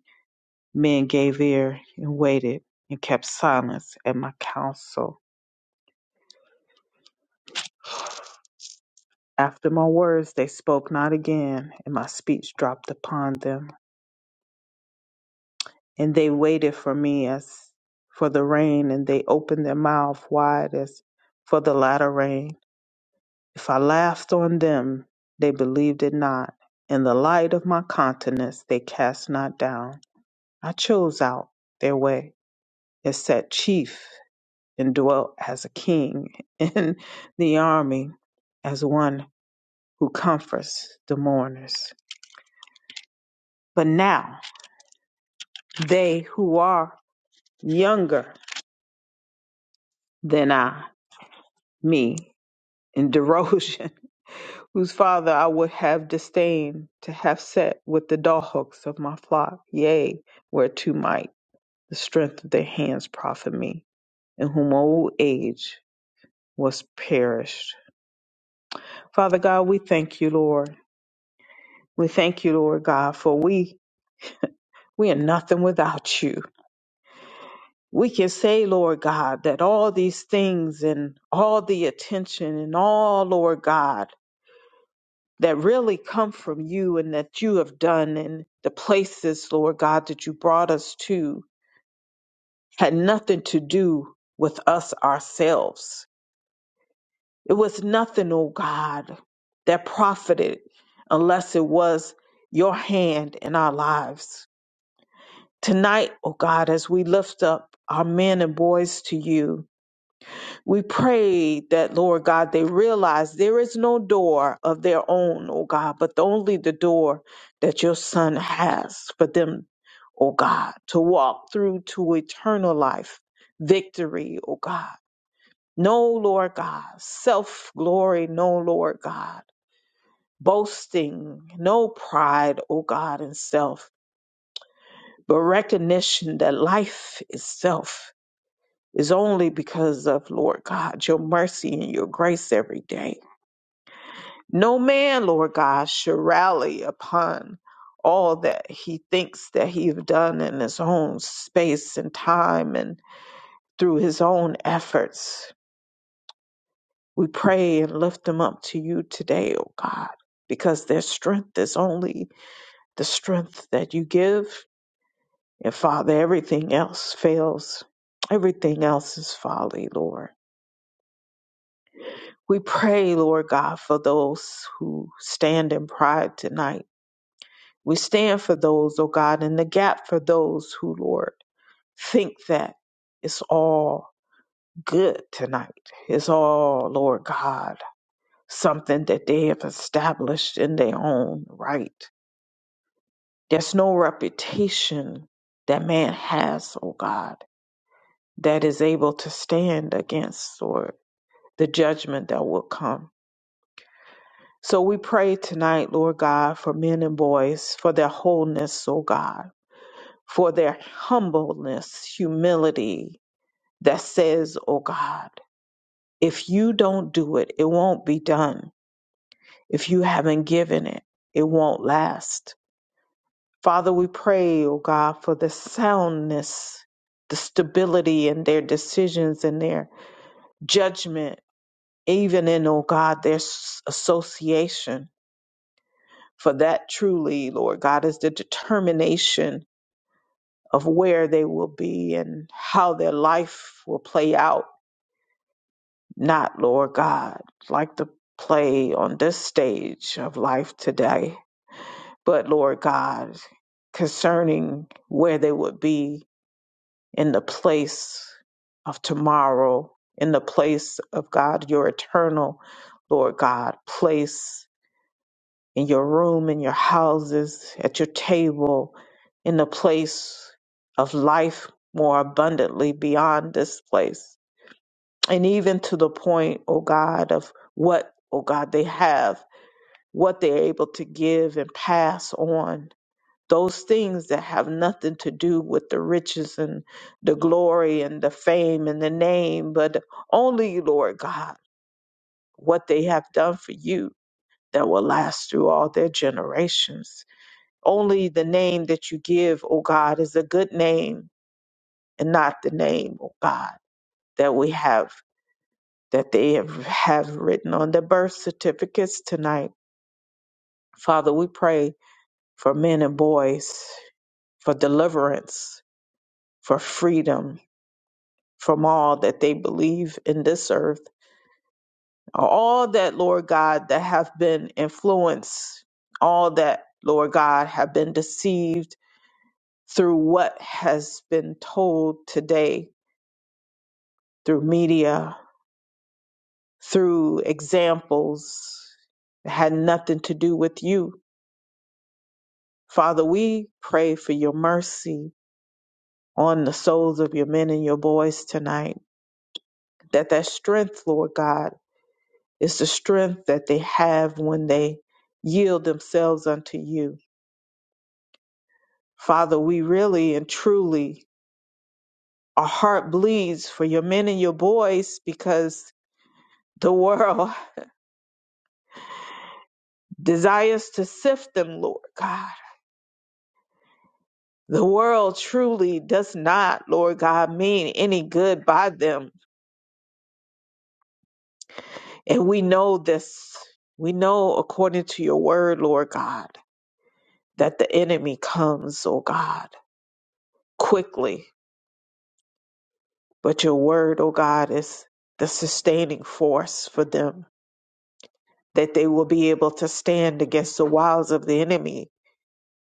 A: Men gave ear and waited and kept silence at my counsel. After my words, they spoke not again, and my speech dropped upon them. And they waited for me as for the rain, and they opened their mouth wide as for the latter rain. If I laughed on them, they believed it not. In the light of my countenance, they cast not down. I chose out their way, and set chief, and dwelt as a king in the army, as one who comforts the mourners. But now, they who are younger than I, me, in derision, whose father I would have disdained to have set with the dogs of my flock, yea, whereto might the strength of their hands profit me, in whom old age was perished. Father God, we thank you, Lord. We thank you, Lord God, for we we are nothing without you. We can say, Lord God, that all these things and all the attention and all, Lord God, that really come from you and that you have done and the places, Lord God, that you brought us to had nothing to do with us ourselves. It was nothing, oh God, that profited unless it was your hand in our lives. Tonight, oh God, as we lift up our men and boys to you, We pray that, Lord God, they realize there is no door of their own, oh God, but only the door that your Son has for them, oh God, to walk through to eternal life, victory, oh God. No, Lord God, self glory, no, Lord God, boasting, no pride, oh God, in self, but recognition that life itself is only because of, Lord God, your mercy and your grace every day. No man, Lord God, should rally upon all that he thinks that he have done in his own space and time and through his own efforts. We pray and lift them up to you today, O God, because their strength is only the strength that you give. And Father, everything else fails. Everything else is folly, Lord. We pray, Lord God, for those who stand in pride tonight We stand for those, oh God, in the gap for those who, Lord, think that it's all good tonight. It's all, Lord God, something that they have established in their own right. There's no reputation that man has, oh God, that is able to stand against, Lord, the judgment that will come. So we pray tonight, Lord God, for men and boys, for their wholeness, oh God for their humbleness, humility that says, Oh God, if you don't do it, it won't be done. If you haven't given it, it won't last. Father, we pray, oh God, for the soundness, the stability in their decisions and their judgment, even in, oh God, their s- association. For that truly, Lord God, is the determination of where they will be and how their life will play out not, Lord God, like the play on this stage of life today, but Lord God, concerning where they would be in the place of tomorrow, in the place of God, your eternal, Lord God, place in your room, in your houses, at your table, in the place of life more abundantly beyond this place and even to the point, oh God, of what, oh God, they have, what they're able to give and pass on. Those things that have nothing to do with the riches and the glory and the fame and the name, but only, Lord God, what they have done for you that will last through all their generations. Only the name that you give, oh God, is a good name and not the name, oh God, that we have that they have, have written on their birth certificates tonight. Father, we pray for men and boys, for deliverance, for freedom from all that they believe in this earth, all that, Lord God, that have been influenced, all that, Lord God, have been deceived through what has been told today, through media, through examples that had nothing to do with you Father, we pray for your mercy on the souls of your men and your boys tonight. That that strength, Lord God, is the strength that they have when they yield themselves unto you. Father, we really and truly our heart bleeds for your men and your boys because the world desires to sift them, Lord God. The world truly does not, Lord God, mean any good by them And we know this. We know according to your word, Lord God, that the enemy comes, O God, quickly. But your word, O God, is the sustaining force for them, that they will be able to stand against the wiles of the enemy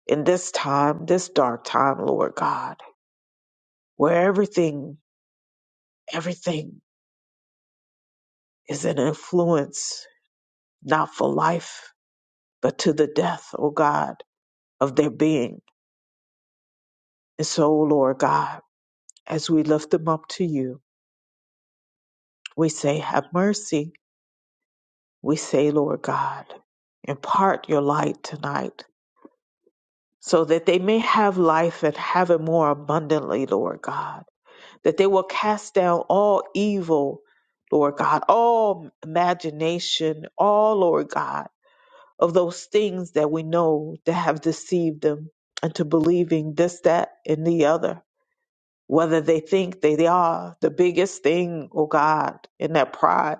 A: in this time, this dark time, Lord God, where everything, everything is an influence, not for life, but to the death, O God, of their being. And so, Lord God, As we lift them up to you, we say, Have mercy. We say, Lord God, impart your light tonight so that they may have life and have it more abundantly, Lord God. That they will cast down all evil, Lord God, all imagination, all, Lord God, of those things that we know that have deceived them into believing this, that, and the other. whether they think they they are the biggest thing, oh God, in that pride,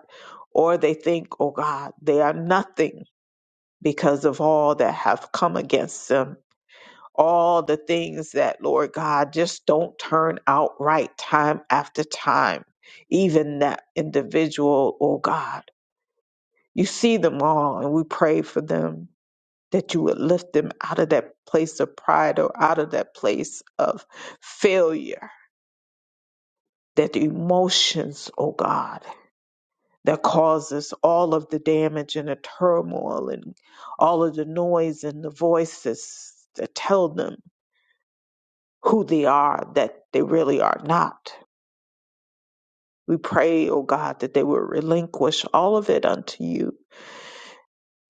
A: or they think, oh God, they are nothing because of all that have come against them. All the things that, Lord God, just don't turn out right time after time. Even that individual, oh God, you see them all, and we pray for them that you would lift them out of that place of pride or out of that place of failure that the emotions, oh God, that causes all of the damage and the turmoil and all of the noise and the voices that tell them who they are, that they really are not. We pray, oh God, that they will relinquish all of it unto you,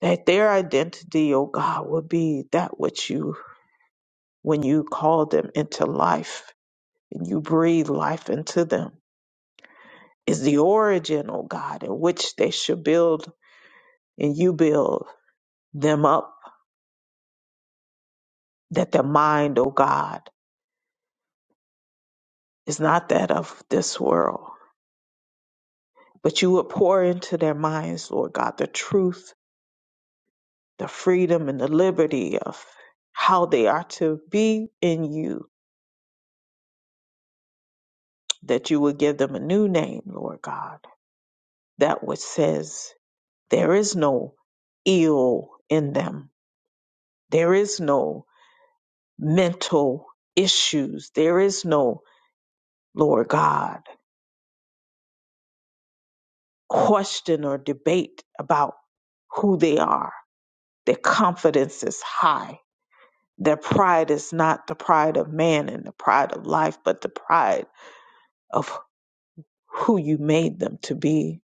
A: that their identity, oh God, will be that which you, when you call them into life and you breathe life into them, is the origin, oh God, in which they should build and you build them up, that their mind, O God, is not that of this world, but you would pour into their minds, Lord God, the truth, the freedom, and the liberty of how they are to be in you, that you would give them a new name, Lord God, that which says there is no ill in them, there is no mental issues, there is no, Lord God, question or debate about who they are Their confidence is high. Their pride is not the pride of man and the pride of life, but the pride of who you made them to be.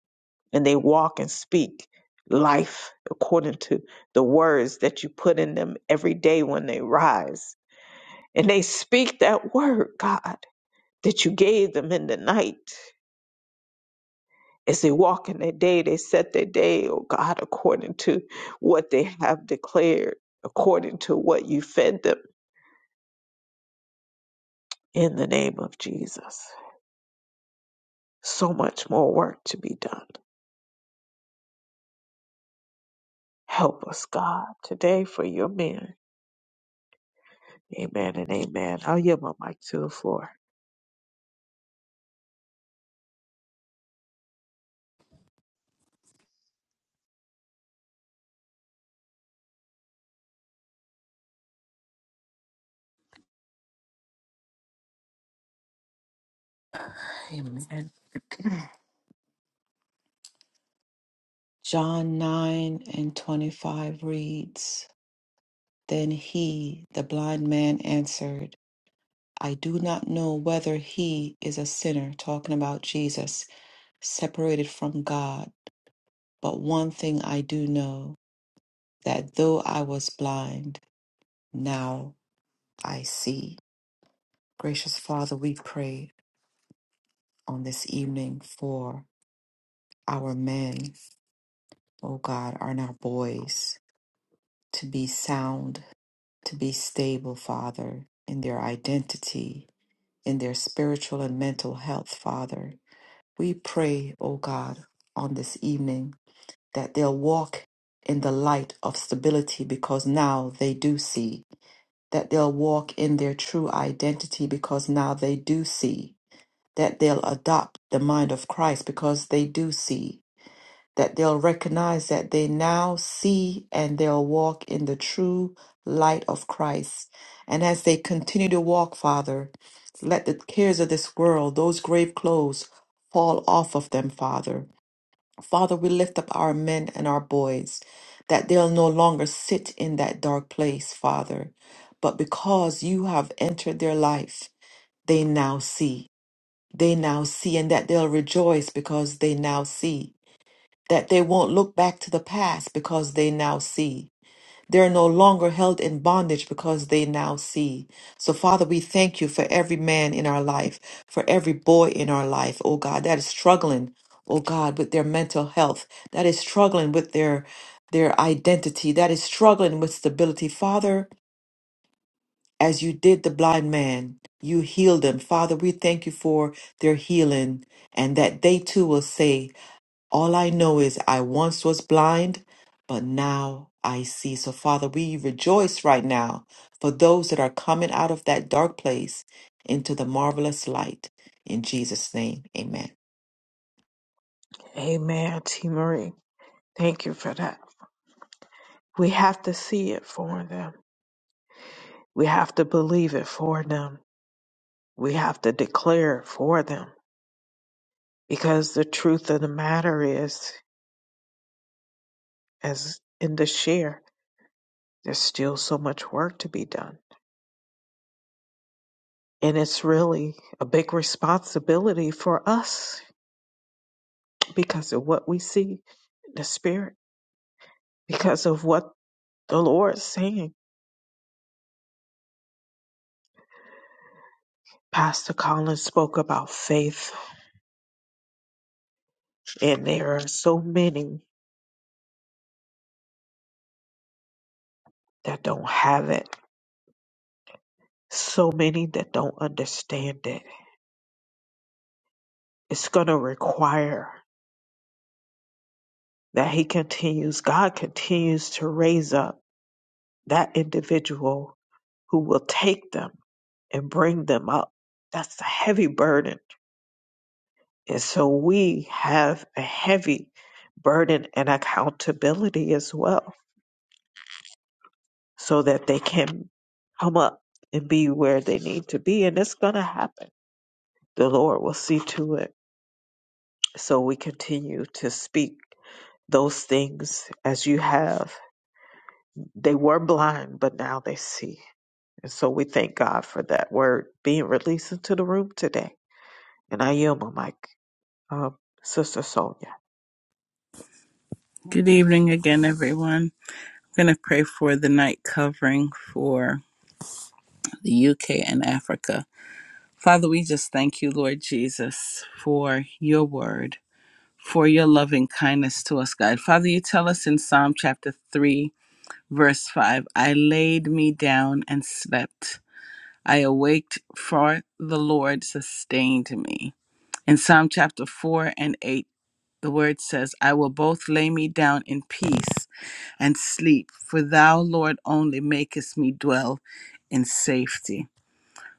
A: And they walk and speak life according to the words that you put in them every day when they rise. And they speak that word, God, that you gave them in the night. As they walk in their day, they set their day, oh God, according to what they have declared, according to what you fed them in the name of Jesus. So much more work to be done. Help us, God, today for your men. Amen and amen. I'll yield my mic to the floor.
C: Amen. John 9 and 25 reads Then he, the blind man, answered, I do not know whether he is a sinner, talking about Jesus, separated from God. But one thing I do know that though I was blind, now I see. Gracious Father, we pray on this evening for our men, O God, and our boys to be sound to be stable, Father, in their identity, in their spiritual and mental health, Father. We pray, O God, on this evening that they'll walk in the light of stability because now they do see, that they'll walk in their true identity because now they do see, that they'll adopt the mind of Christ because they do see, that they'll recognize that they now see and they'll walk in the true light of Christ. And as they continue to walk, Father, let the cares of this world, those grave clothes, fall off of them, Father. Father, we lift up our men and our boys, that they'll no longer sit in that dark place, Father. But because you have entered their life, they now see. They now see, and that they'll rejoice because they now see that they won't look back to the past because they now see. They're no longer held in bondage because they now see. So, Father, we thank you for every man in our life, for every boy in our life, oh God, that is struggling, oh God, with their mental health, that is struggling with their their identity, that is struggling with stability. Father, as you did the blind man, you healed them. Father, we thank you for their healing and that they too will say, all I know is I once was blind, but now I see. So, Father, we rejoice right now for those that are coming out of that dark place into the marvelous light. In Jesus' name, amen.
A: Amen, T. Marie. Thank you for that. We have to see it for them. We have to believe it for them. We have to declare it for them. Because the truth of the matter is, as in the share, there's still so much work to be done. And it's really a big responsibility for us because of what we see in the spirit because of what the Lord's saying. Pastor Collins spoke about faith, and there are so many that don't have it, so many that don't understand it. It's going to require that He continues, God continues to raise up that individual who will take them and bring them up. That's a heavy burden And so we have a heavy burden and accountability as well, so that they can come up and be where they need to be. And it's going to happen. The Lord will see to it. So we continue to speak those things as you have. They were blind, but now they see. And so we thank God for that word being released into the room today. And I yield my mic, um, Sister Sonia.
B: Good evening again, everyone. I'm going to pray for the night covering for the UK and Africa. Father, we just thank you, Lord Jesus, for your word, for your loving kindness to us, God. Father, you tell us in Psalm chapter 3, verse 5 I laid me down and slept. I awaked, for the Lord sustained me. In Psalm chapter 4 and 8, the word says, I will both lay me down in peace and sleep, for thou, Lord, only makest me dwell in safety.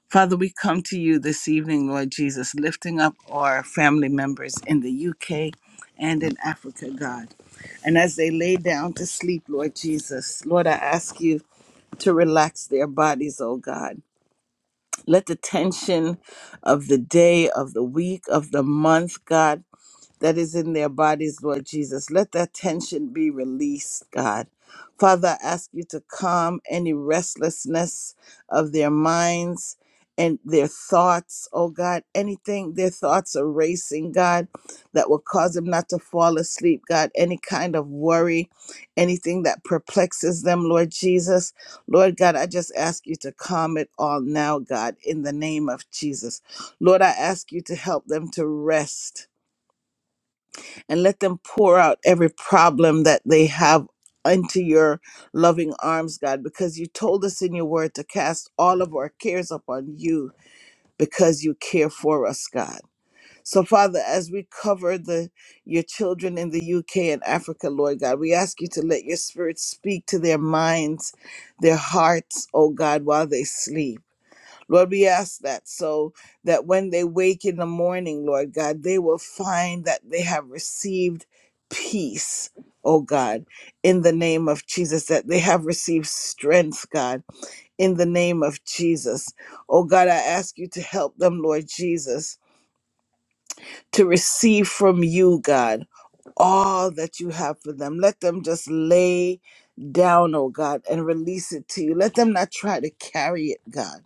B: Father, we come to you this evening, Lord Jesus, lifting up our family members in the UK and in Africa, God. And as they lay down to sleep, Lord Jesus, Lord, I ask you to relax their bodies, oh God. Let the tension of the day, of the week, of the month, God, that is in their bodies, Lord Jesus. Let that tension be released, God. Father, I ask you to calm any restlessness of their minds and their thoughts, oh God. Anything their thoughts are racing, God, that will cause them not to fall asleep, God. Any kind of worry, anything that perplexes them, Lord Jesus. Lord God, I just ask you to calm it all now, God, in the name of Jesus. Lord, I ask you to help them to rest and let them pour out every problem that they have into your loving arms, God, because you told us in your word to cast all of our cares upon you because you care for us, God. So, Father, as we cover the your children in the UK and Africa, Lord God, we ask you to let your spirit speak to their minds, their hearts, oh God, while they sleep. Lord, we ask that so that when they wake in the morning, Lord God, they will find that they have received peace, oh God, in the name of Jesus, that they have received strength, God, in the name of Jesus. Oh God, I ask you to help them, Lord Jesus, to receive from you, God all that you have for them. Let them just lay down, oh God, and release it to you. Let them not try to carry it, God.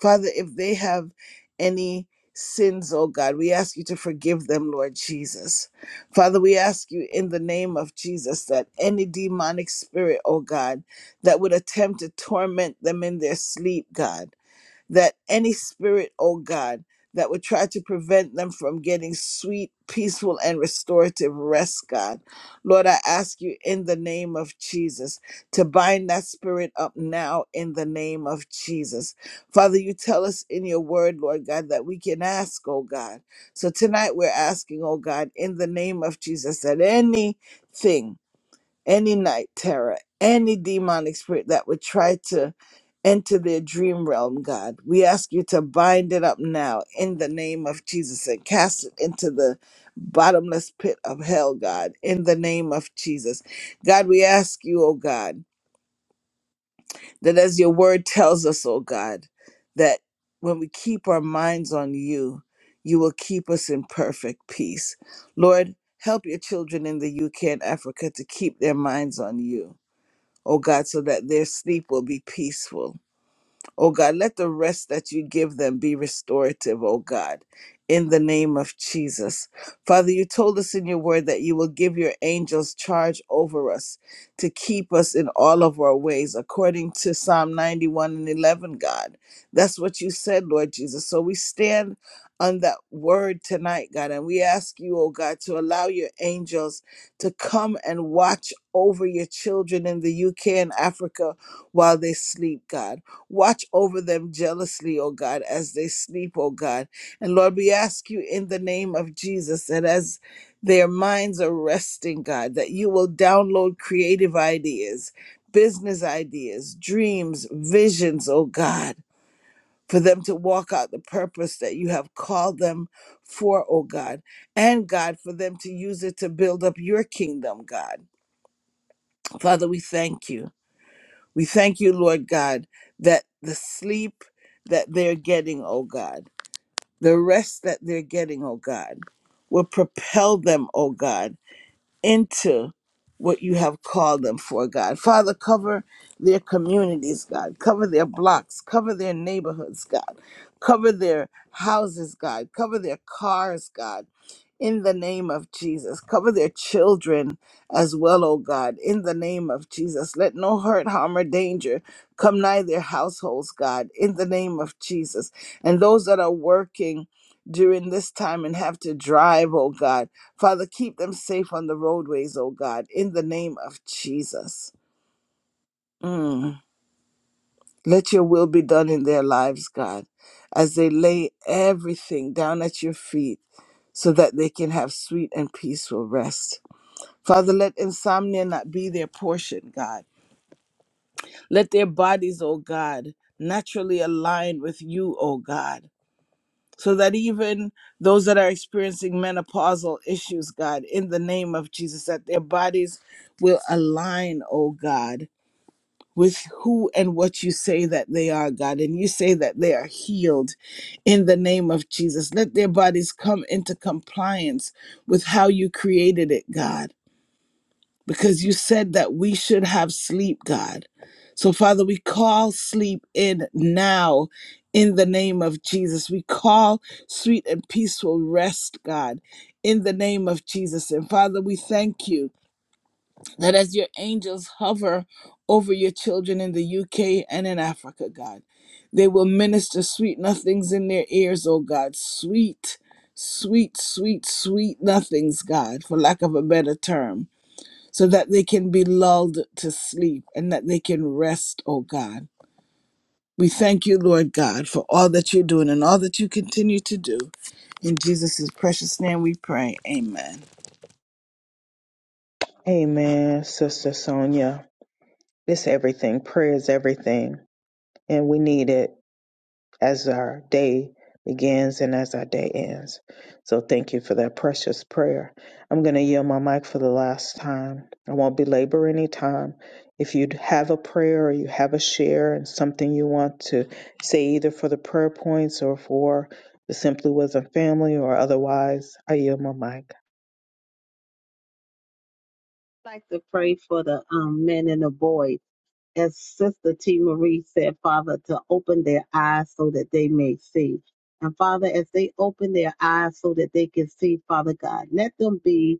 B: Father, if they have any sins, oh God, we ask you to forgive them, Lord Jesus. Father, we ask you in the name of Jesus that any demonic spirit, oh God, that would attempt to torment them in their sleep, God that any spirit, oh God, that would try to prevent them from getting sweet, peaceful, and restorative rest, God. Lord, I ask you in the name of Jesus to bind that spirit up now in the name of Jesus. Father, you tell us in your word, so that anything, any, any that would to, and to ask you to bind it out in the name of Jesus and the bless, God, Jesus. God, you, oh God. God, that when we keep our minds on you, you will keep us in perfect peace. Lord, help your children in the UK and Africa to keep their minds on you, oh God, so that their sleep will be peaceful Oh God, let the rest that you give them be restorative, oh God, in the name of Jesus. Father, you told us in your word that you will give your angels charge over us to keep us in all of our ways, according to Psalm 91 and 11, God. That's what you said, Lord Jesus. So we stand on that word tonight, God, and we ask you, oh God, to allow your angels to come and watch over your children in the in Africa, while God watch over them people, God. And Lord, we ask you in the name of Jesus that as their minds are resting, God, that you will download creative ideas, business ideas, dreams, visions, oh God, for them to walk out the purpose that you have called them for, oh God. And God, for them to use it to build up your kingdom, God. Father, we thank you. We thank you, Lord God, that the sleep that they're getting, oh God the rest that they're getting, oh God, will propel them, oh God, into what you have called them for, God. Father, cover their communities, God. Cover their blocks. Cover their neighborhoods, God. Cover their houses, God. Cover their cars, God in the name of Jesus. Cover their children as well, O God, in the name of Jesus. Let no hurt, harm, or danger come nigh their households, God, in the name of Jesus. And those that are working during this time and have to drive, O God, Father, keep them safe on the roadways, O God, in the name of Jesus. Lives, God, lay everything down at your feet that they can have sweet and peaceful rest. Father, let insomnia not be their portion, God Let their bodies, O God, naturally align with you, O God, so that even those that are experiencing menopausal issues, God, in the name of Jesus, that their bodies will align, O God, with who and what you say that they are, God. And you say that they are healed in the name of Jesus. Let their bodies come into compliance with how you created it, God because you said that we should have sleep, God. So, Father, we call sleep in now in the name of Jesus. We call sweet and peaceful rest, God, in the name of Jesus. And, Father, we thank you that as your angels hover over your children in the UK and in Africa, God, they will minister sweet nothings in their ears, oh God. Sweet, sweet, sweet, sweet nothings, God, for lack of a better term so that they can be lulled to sleep and that they can rest, oh God. We thank you, Lord God, for all that you're doing and all that you continue to do. In Jesus' precious name we pray. Amen.
A: Amen, Sister Sonia. It's everything. Prayer is everything. And we need it as our day begins and as our day ends. So thank you for that precious prayer. I'm going to yield my mic for the last time. I won't belabor any time. If you have a prayer or you have a share and something you want to say, either for the prayer points or for the Simply Wisdom family or otherwise, I yield my mic.
E: I'd like to pray for the um, men and the boys. As Sister T. Marie said, Father, to open their eyes so that they may see. And Father, as they open their eyes so that they can see, Father God, let them be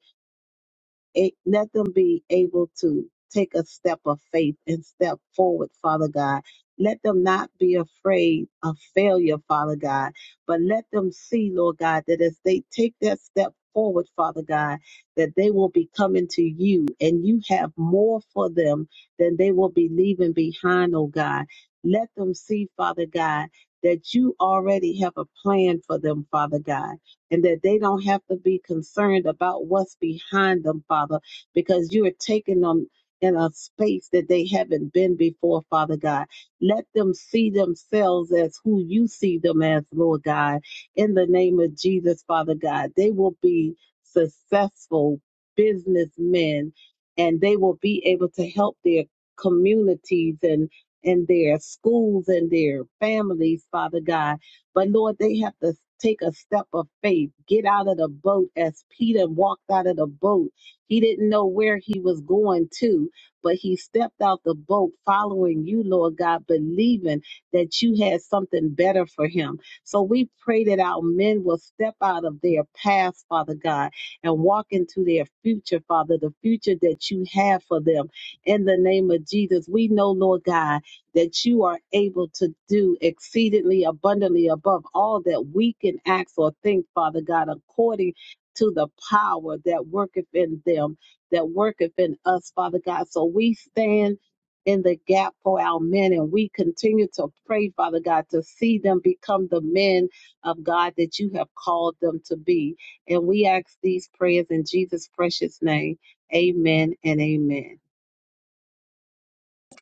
E: a- let them be able to take a step of faith and step forward, Father God. Let them not be afraid of failure, Father God, but let them see, Lord God, that as they take that step forward, Father God, that they will be coming to you and you have more for them than they will be leaving behind, oh God. Let them see, Father God, that you already have a plan for them, Father God and that they don't have to be concerned about what's behind them, Father, because you are taking them in a space that they haven't been before, Father God. Let them see themselves as who you see them as, Lord God. In the name of Jesus, Father God, they will be successful businessmen and they will be able to help their communities and and their schools and their families, Father God but Lord, they have to take a step of faith, get out of the boat as Peter walked out of the boat. He didn't know where he was going to, but he stepped out the boat following you, Lord God, believing that you had something better for him. So we pray that our men will step out of their past, Father God, and walk into their future, Father, the future that you have for them. In the name of Jesus, we know, Lord God that you are able to do exceedingly abundantly above all that we can ask or think, Father God, according to the power that worketh in them, that worketh in us, Father God. So we stand in the gap for our men and we continue to pray, Father God, to see them become the men of God that you have called them to be. And we ask these prayers in Jesus' precious name. Amen and amen.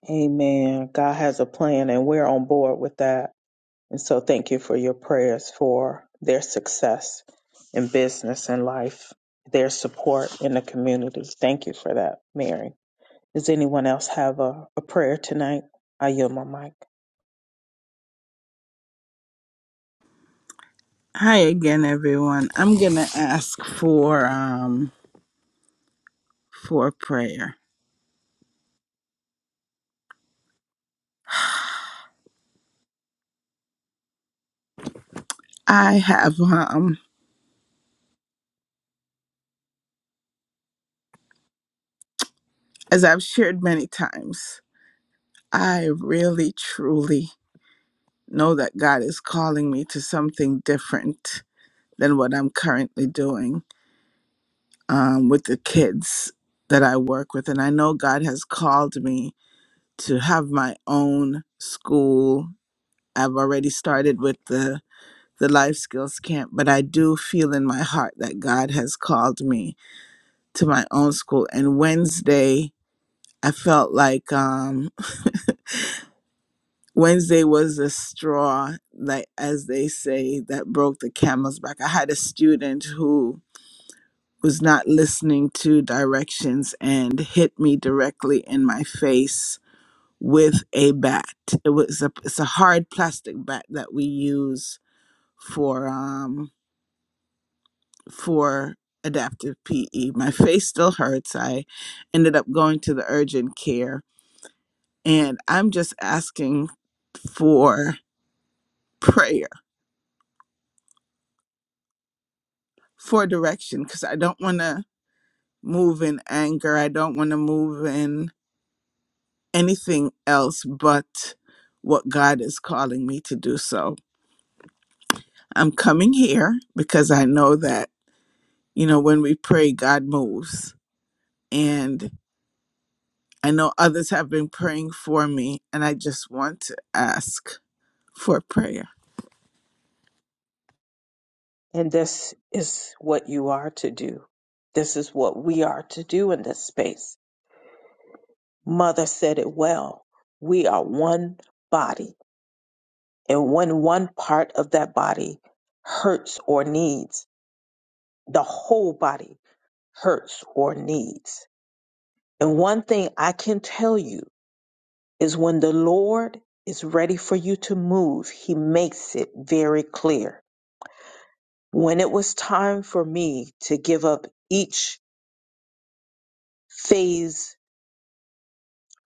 A: Amen. God has a plan and we're on board with that. And so thank you for your prayers for their success in business and life, their support in the community. Thank you for that, Mary. Does anyone else have a, a prayer tonight? I yield my mic.
B: Hi again, everyone. I'm gonna ask for um for prayer. I have um as I've shared many times, I really truly know that God is calling me to something different than what I'm currently doing. um, with the kids that I work with. And I know God has called me to have my own school. I've already started with the, the life skills camp, but I do feel in my heart that God has called me to my own school. And Wednesday, I felt like um, Wednesday was the straw, like as they say, that broke the camel's back. I had a student who was not listening to directions and hit me directly in my face with a bat. It was a it's a hard plastic bat that we use for um for adaptive PE. My face still hurts. I ended up going to the urgent care and I'm just asking for prayer, for direction cuz I don't want to move in anger. I don't want to move in anything else but what God is calling me to do. So I'm coming here because I know that, you know, when we pray, God moves. And I know others have been praying for me, and I just want to ask for prayer.
A: And this is what you are to do. This is what we are to do in this space. Mother said it well. We are one body. And when one part of that body hurts or needs, the whole body hurts or needs And one thing I can tell you is when the Lord is ready for you to move, He makes it very clear. When it was time for me to give up each phase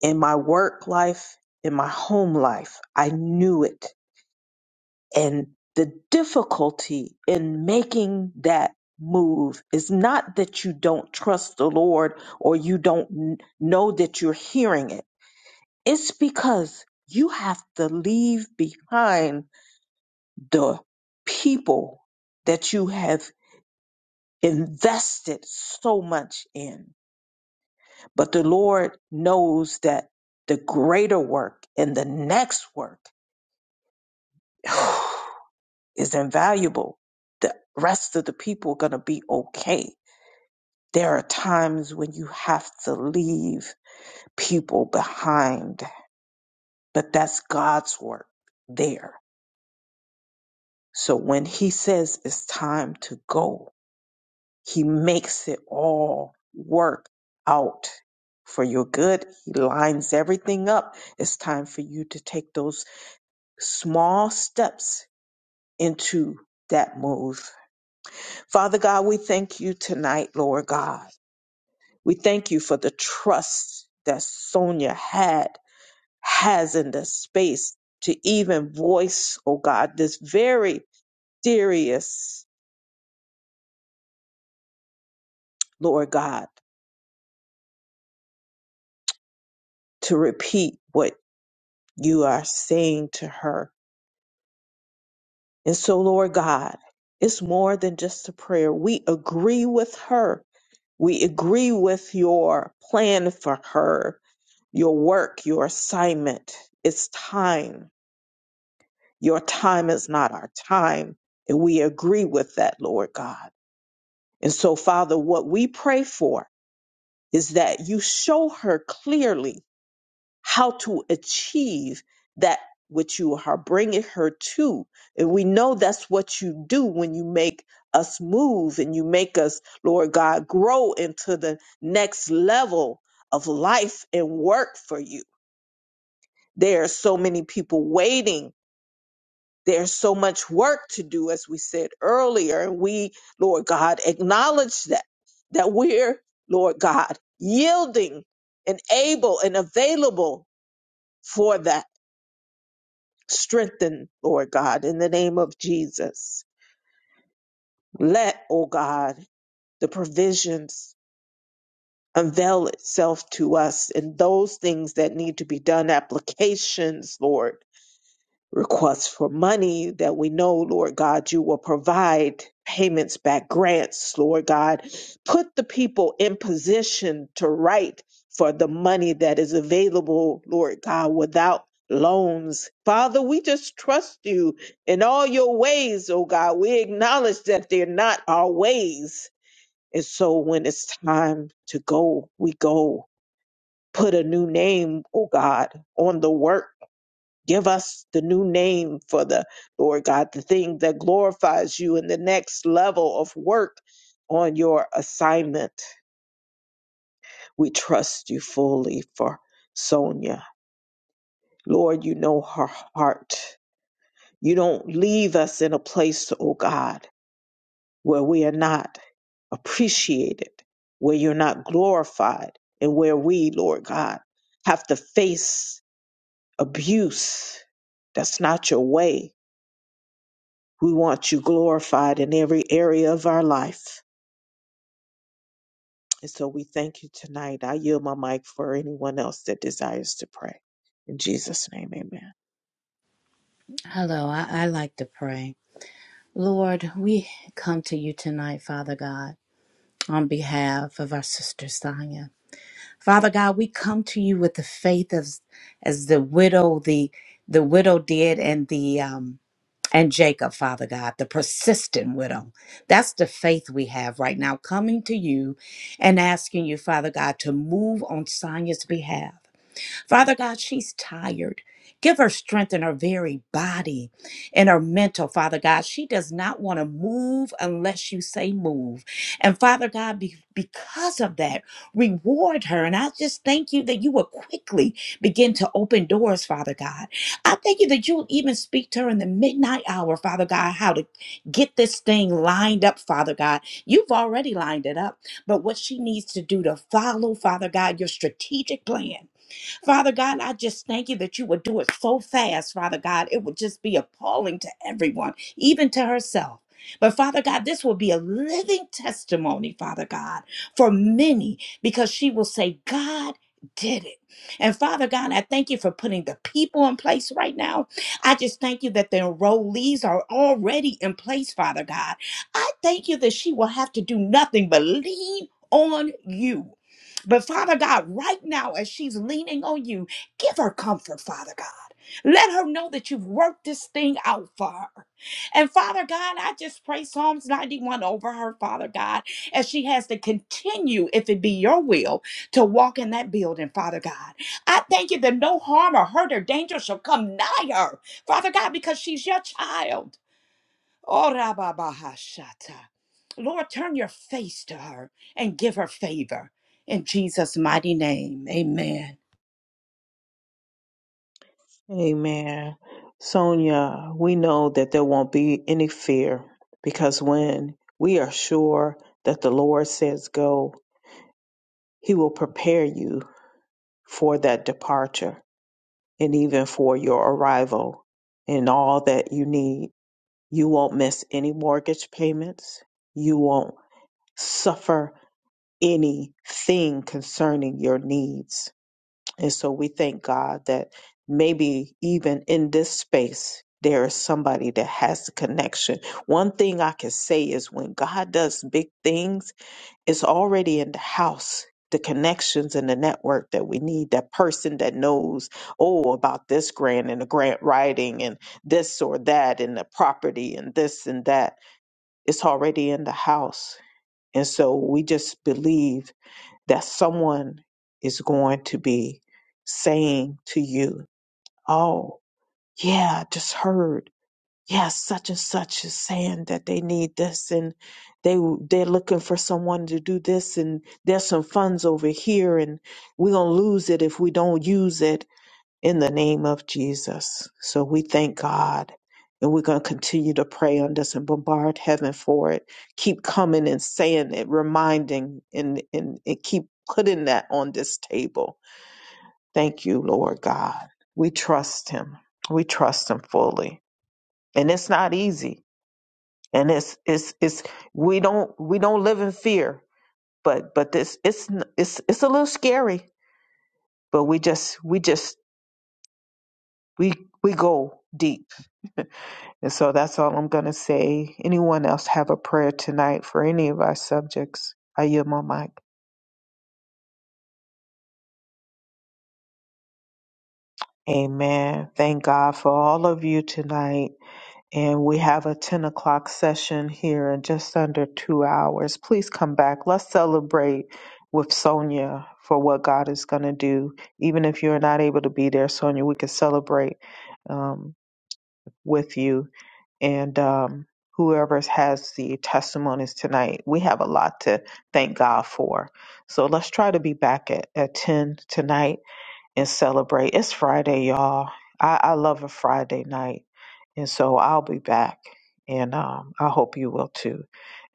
A: in my work life, in my home life, I knew it. And the difficulty in making that move is not that you don't trust the Lord or you don't n- know that you're hearing it It's because you have to leave behind the people that you have invested so much in. But the Lord knows that the greater work and the next work is invaluable. The rest of the people are going to be okay. There are times when you have to leave people behind, but that's God's work there. So when he says it's time to go, he makes it all work out for your good. He lines everything up. It's time for you to take those small steps into that move. Father God, we thank you tonight, Lord God. We thank you for the trust that Sonia had, has in the space to even voice, oh God, this very serious, Lord God. to repeat what you are saying to her. And so, Lord God, it's more than just a prayer. We agree with her. We agree with your plan for her, your work, your assignment. It's time. Your time is not our time. And we agree with that, Lord God. And so, Father, what we pray for is that you show her clearly how to achieve that which you are bringing her to. And we know that's what you do when you make us move and you make us, Lord God, grow into the next level of life and work for you. There are so many people waiting. There's so much work to do, as we said earlier. And we, Lord God, acknowledge that, that we're, Lord God, yielding and able and available for that Strengthen, Lord God, in the name of Jesus. Let, O God, the provisions unveil itself to us in those things that need to be done, applications, Lord requests for money that we know, Lord God, you will provide payments back, grants, Lord God. Put the people in position to write for the money that is available, Lord God, without loans. Father, we just trust you in all your ways, oh God. We acknowledge that they're not our ways. And so when it's time to go, we go. Put a new name, oh God, on the work Give us the new name for the Lord God, the thing that glorifies you in the next level of work on your assignment. We trust you fully for Sonia. Lord, you know her heart. You don't leave us in a place, oh God, where we are not appreciated, where you're not glorified, and where we, Lord God, have to face abuse. That's not your way. We want you glorified in every area of our life. And so we thank you tonight. I yield my mic for anyone else that desires to pray. In Jesus' name, amen.
F: Hello, I, I like to pray. Lord, we come to you tonight, Father God, on behalf of our sister Sonia. Father God, we come to you with the faith as as the widow, the the widow did and the um and Jacob, Father God, the persistent widow. That's the faith we have right now, coming to you and asking you, Father God, to move on Sonia's behalf. Father God, she's tired. Give her strength in her very body and her mental, Father God. She does not want to move unless you say move. And Father God, be- because of that, reward her. And I just thank you that you will quickly begin to open doors, Father God. I thank you that you'll even speak to her in the midnight hour, Father God, how to get this thing lined up, Father God. You've already lined it up, but what she needs to do to follow, Father God, your strategic plan. Father God, I just thank you that you would do it so fast, Father God. It would just be appalling to everyone, even to herself. But Father God, this will be a living testimony, Father God, for many because she will say, God did it. And Father God, I thank you for putting the people in place right now. I just thank you that the enrollees are already in place, Father God. I thank you that she will have to do nothing but lean on you. But Father God, right now, as she's leaning on you, give her comfort, Father God. Let her know that you've worked this thing out for her. And Father God, I just pray Psalms 91 over her, Father God, as she has to continue, if it be your will, to walk in that building, Father God. I thank you that no harm or hurt or danger shall come nigh her, Father God, because she's your child. Oh, Rababahashata. Lord, turn your face to her and give her favor. In Jesus' mighty name, amen.
A: Amen. Sonia, we know that there won't be any fear because when we are sure that the Lord says go, He will prepare you for that departure and even for your arrival and all that you need. You won't miss any mortgage payments. You won't suffer anything concerning your needs. And so we thank God that maybe even in this space, there is somebody that has the connection. One thing I can say is when God does big things, it's already in the house. The connections and the network that we need, that person that knows, oh, about this grant and the grant writing and this or that and the property and this and that. It's already in the house and so we just believe that someone is going to be saying to you, Oh, yeah, I just heard. Yeah, such and such is saying that they need this and they they're looking for someone to do this and there's some funds over here and we're gonna lose it if we don't use it in the name of Jesus. So we thank God. And we're going to continue to pray on this and bombard heaven for it. Keep coming and saying it, reminding, and, and, and keep putting that on this table. Thank you, Lord God. We trust Him. We trust Him fully. And it's not easy. And it's it's it's we don't we don't live in fear, but but this it's it's it's a little scary. But we just we just we we go deep And so that's all I'm going to say. Anyone else have a prayer tonight for any of our subjects? I yield my mic. Amen. Thank God for all of you tonight. And we have a 10 o'clock session here in just under two hours. Please come back. Let's celebrate with Sonia for what God is going to do. Even if you're not able to be there, Sonia, we can celebrate. um, with you and um, whoever has the testimonies tonight, we have a lot to thank God for. So let's try to be back at, at 10 tonight and celebrate. It's Friday, y'all. I, I love a Friday night. And so I'll be back. And um, I hope you will too.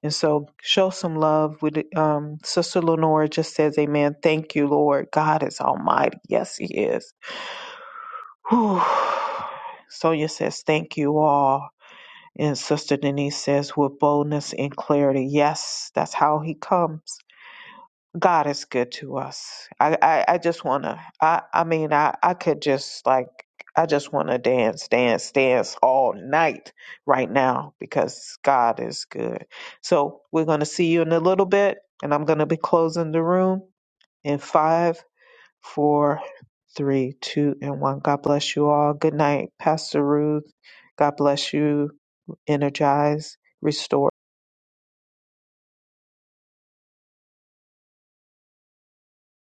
A: And so show some love. With um, Sister Lenora just says, Amen. Thank you, Lord. God is almighty. Yes, He is. Whew. Sonia says, Thank you all. And Sister Denise says, with boldness and clarity, yes, that's how he comes. God is good to us. I, I, I just wanna I, I mean I, I could just like I just wanna dance, dance, dance all night right now because God is good. So we're gonna see you in a little bit and I'm gonna be closing the room in five, four, three, two, and one. God bless you all. Good night, Pastor Ruth. God bless you energize, restore.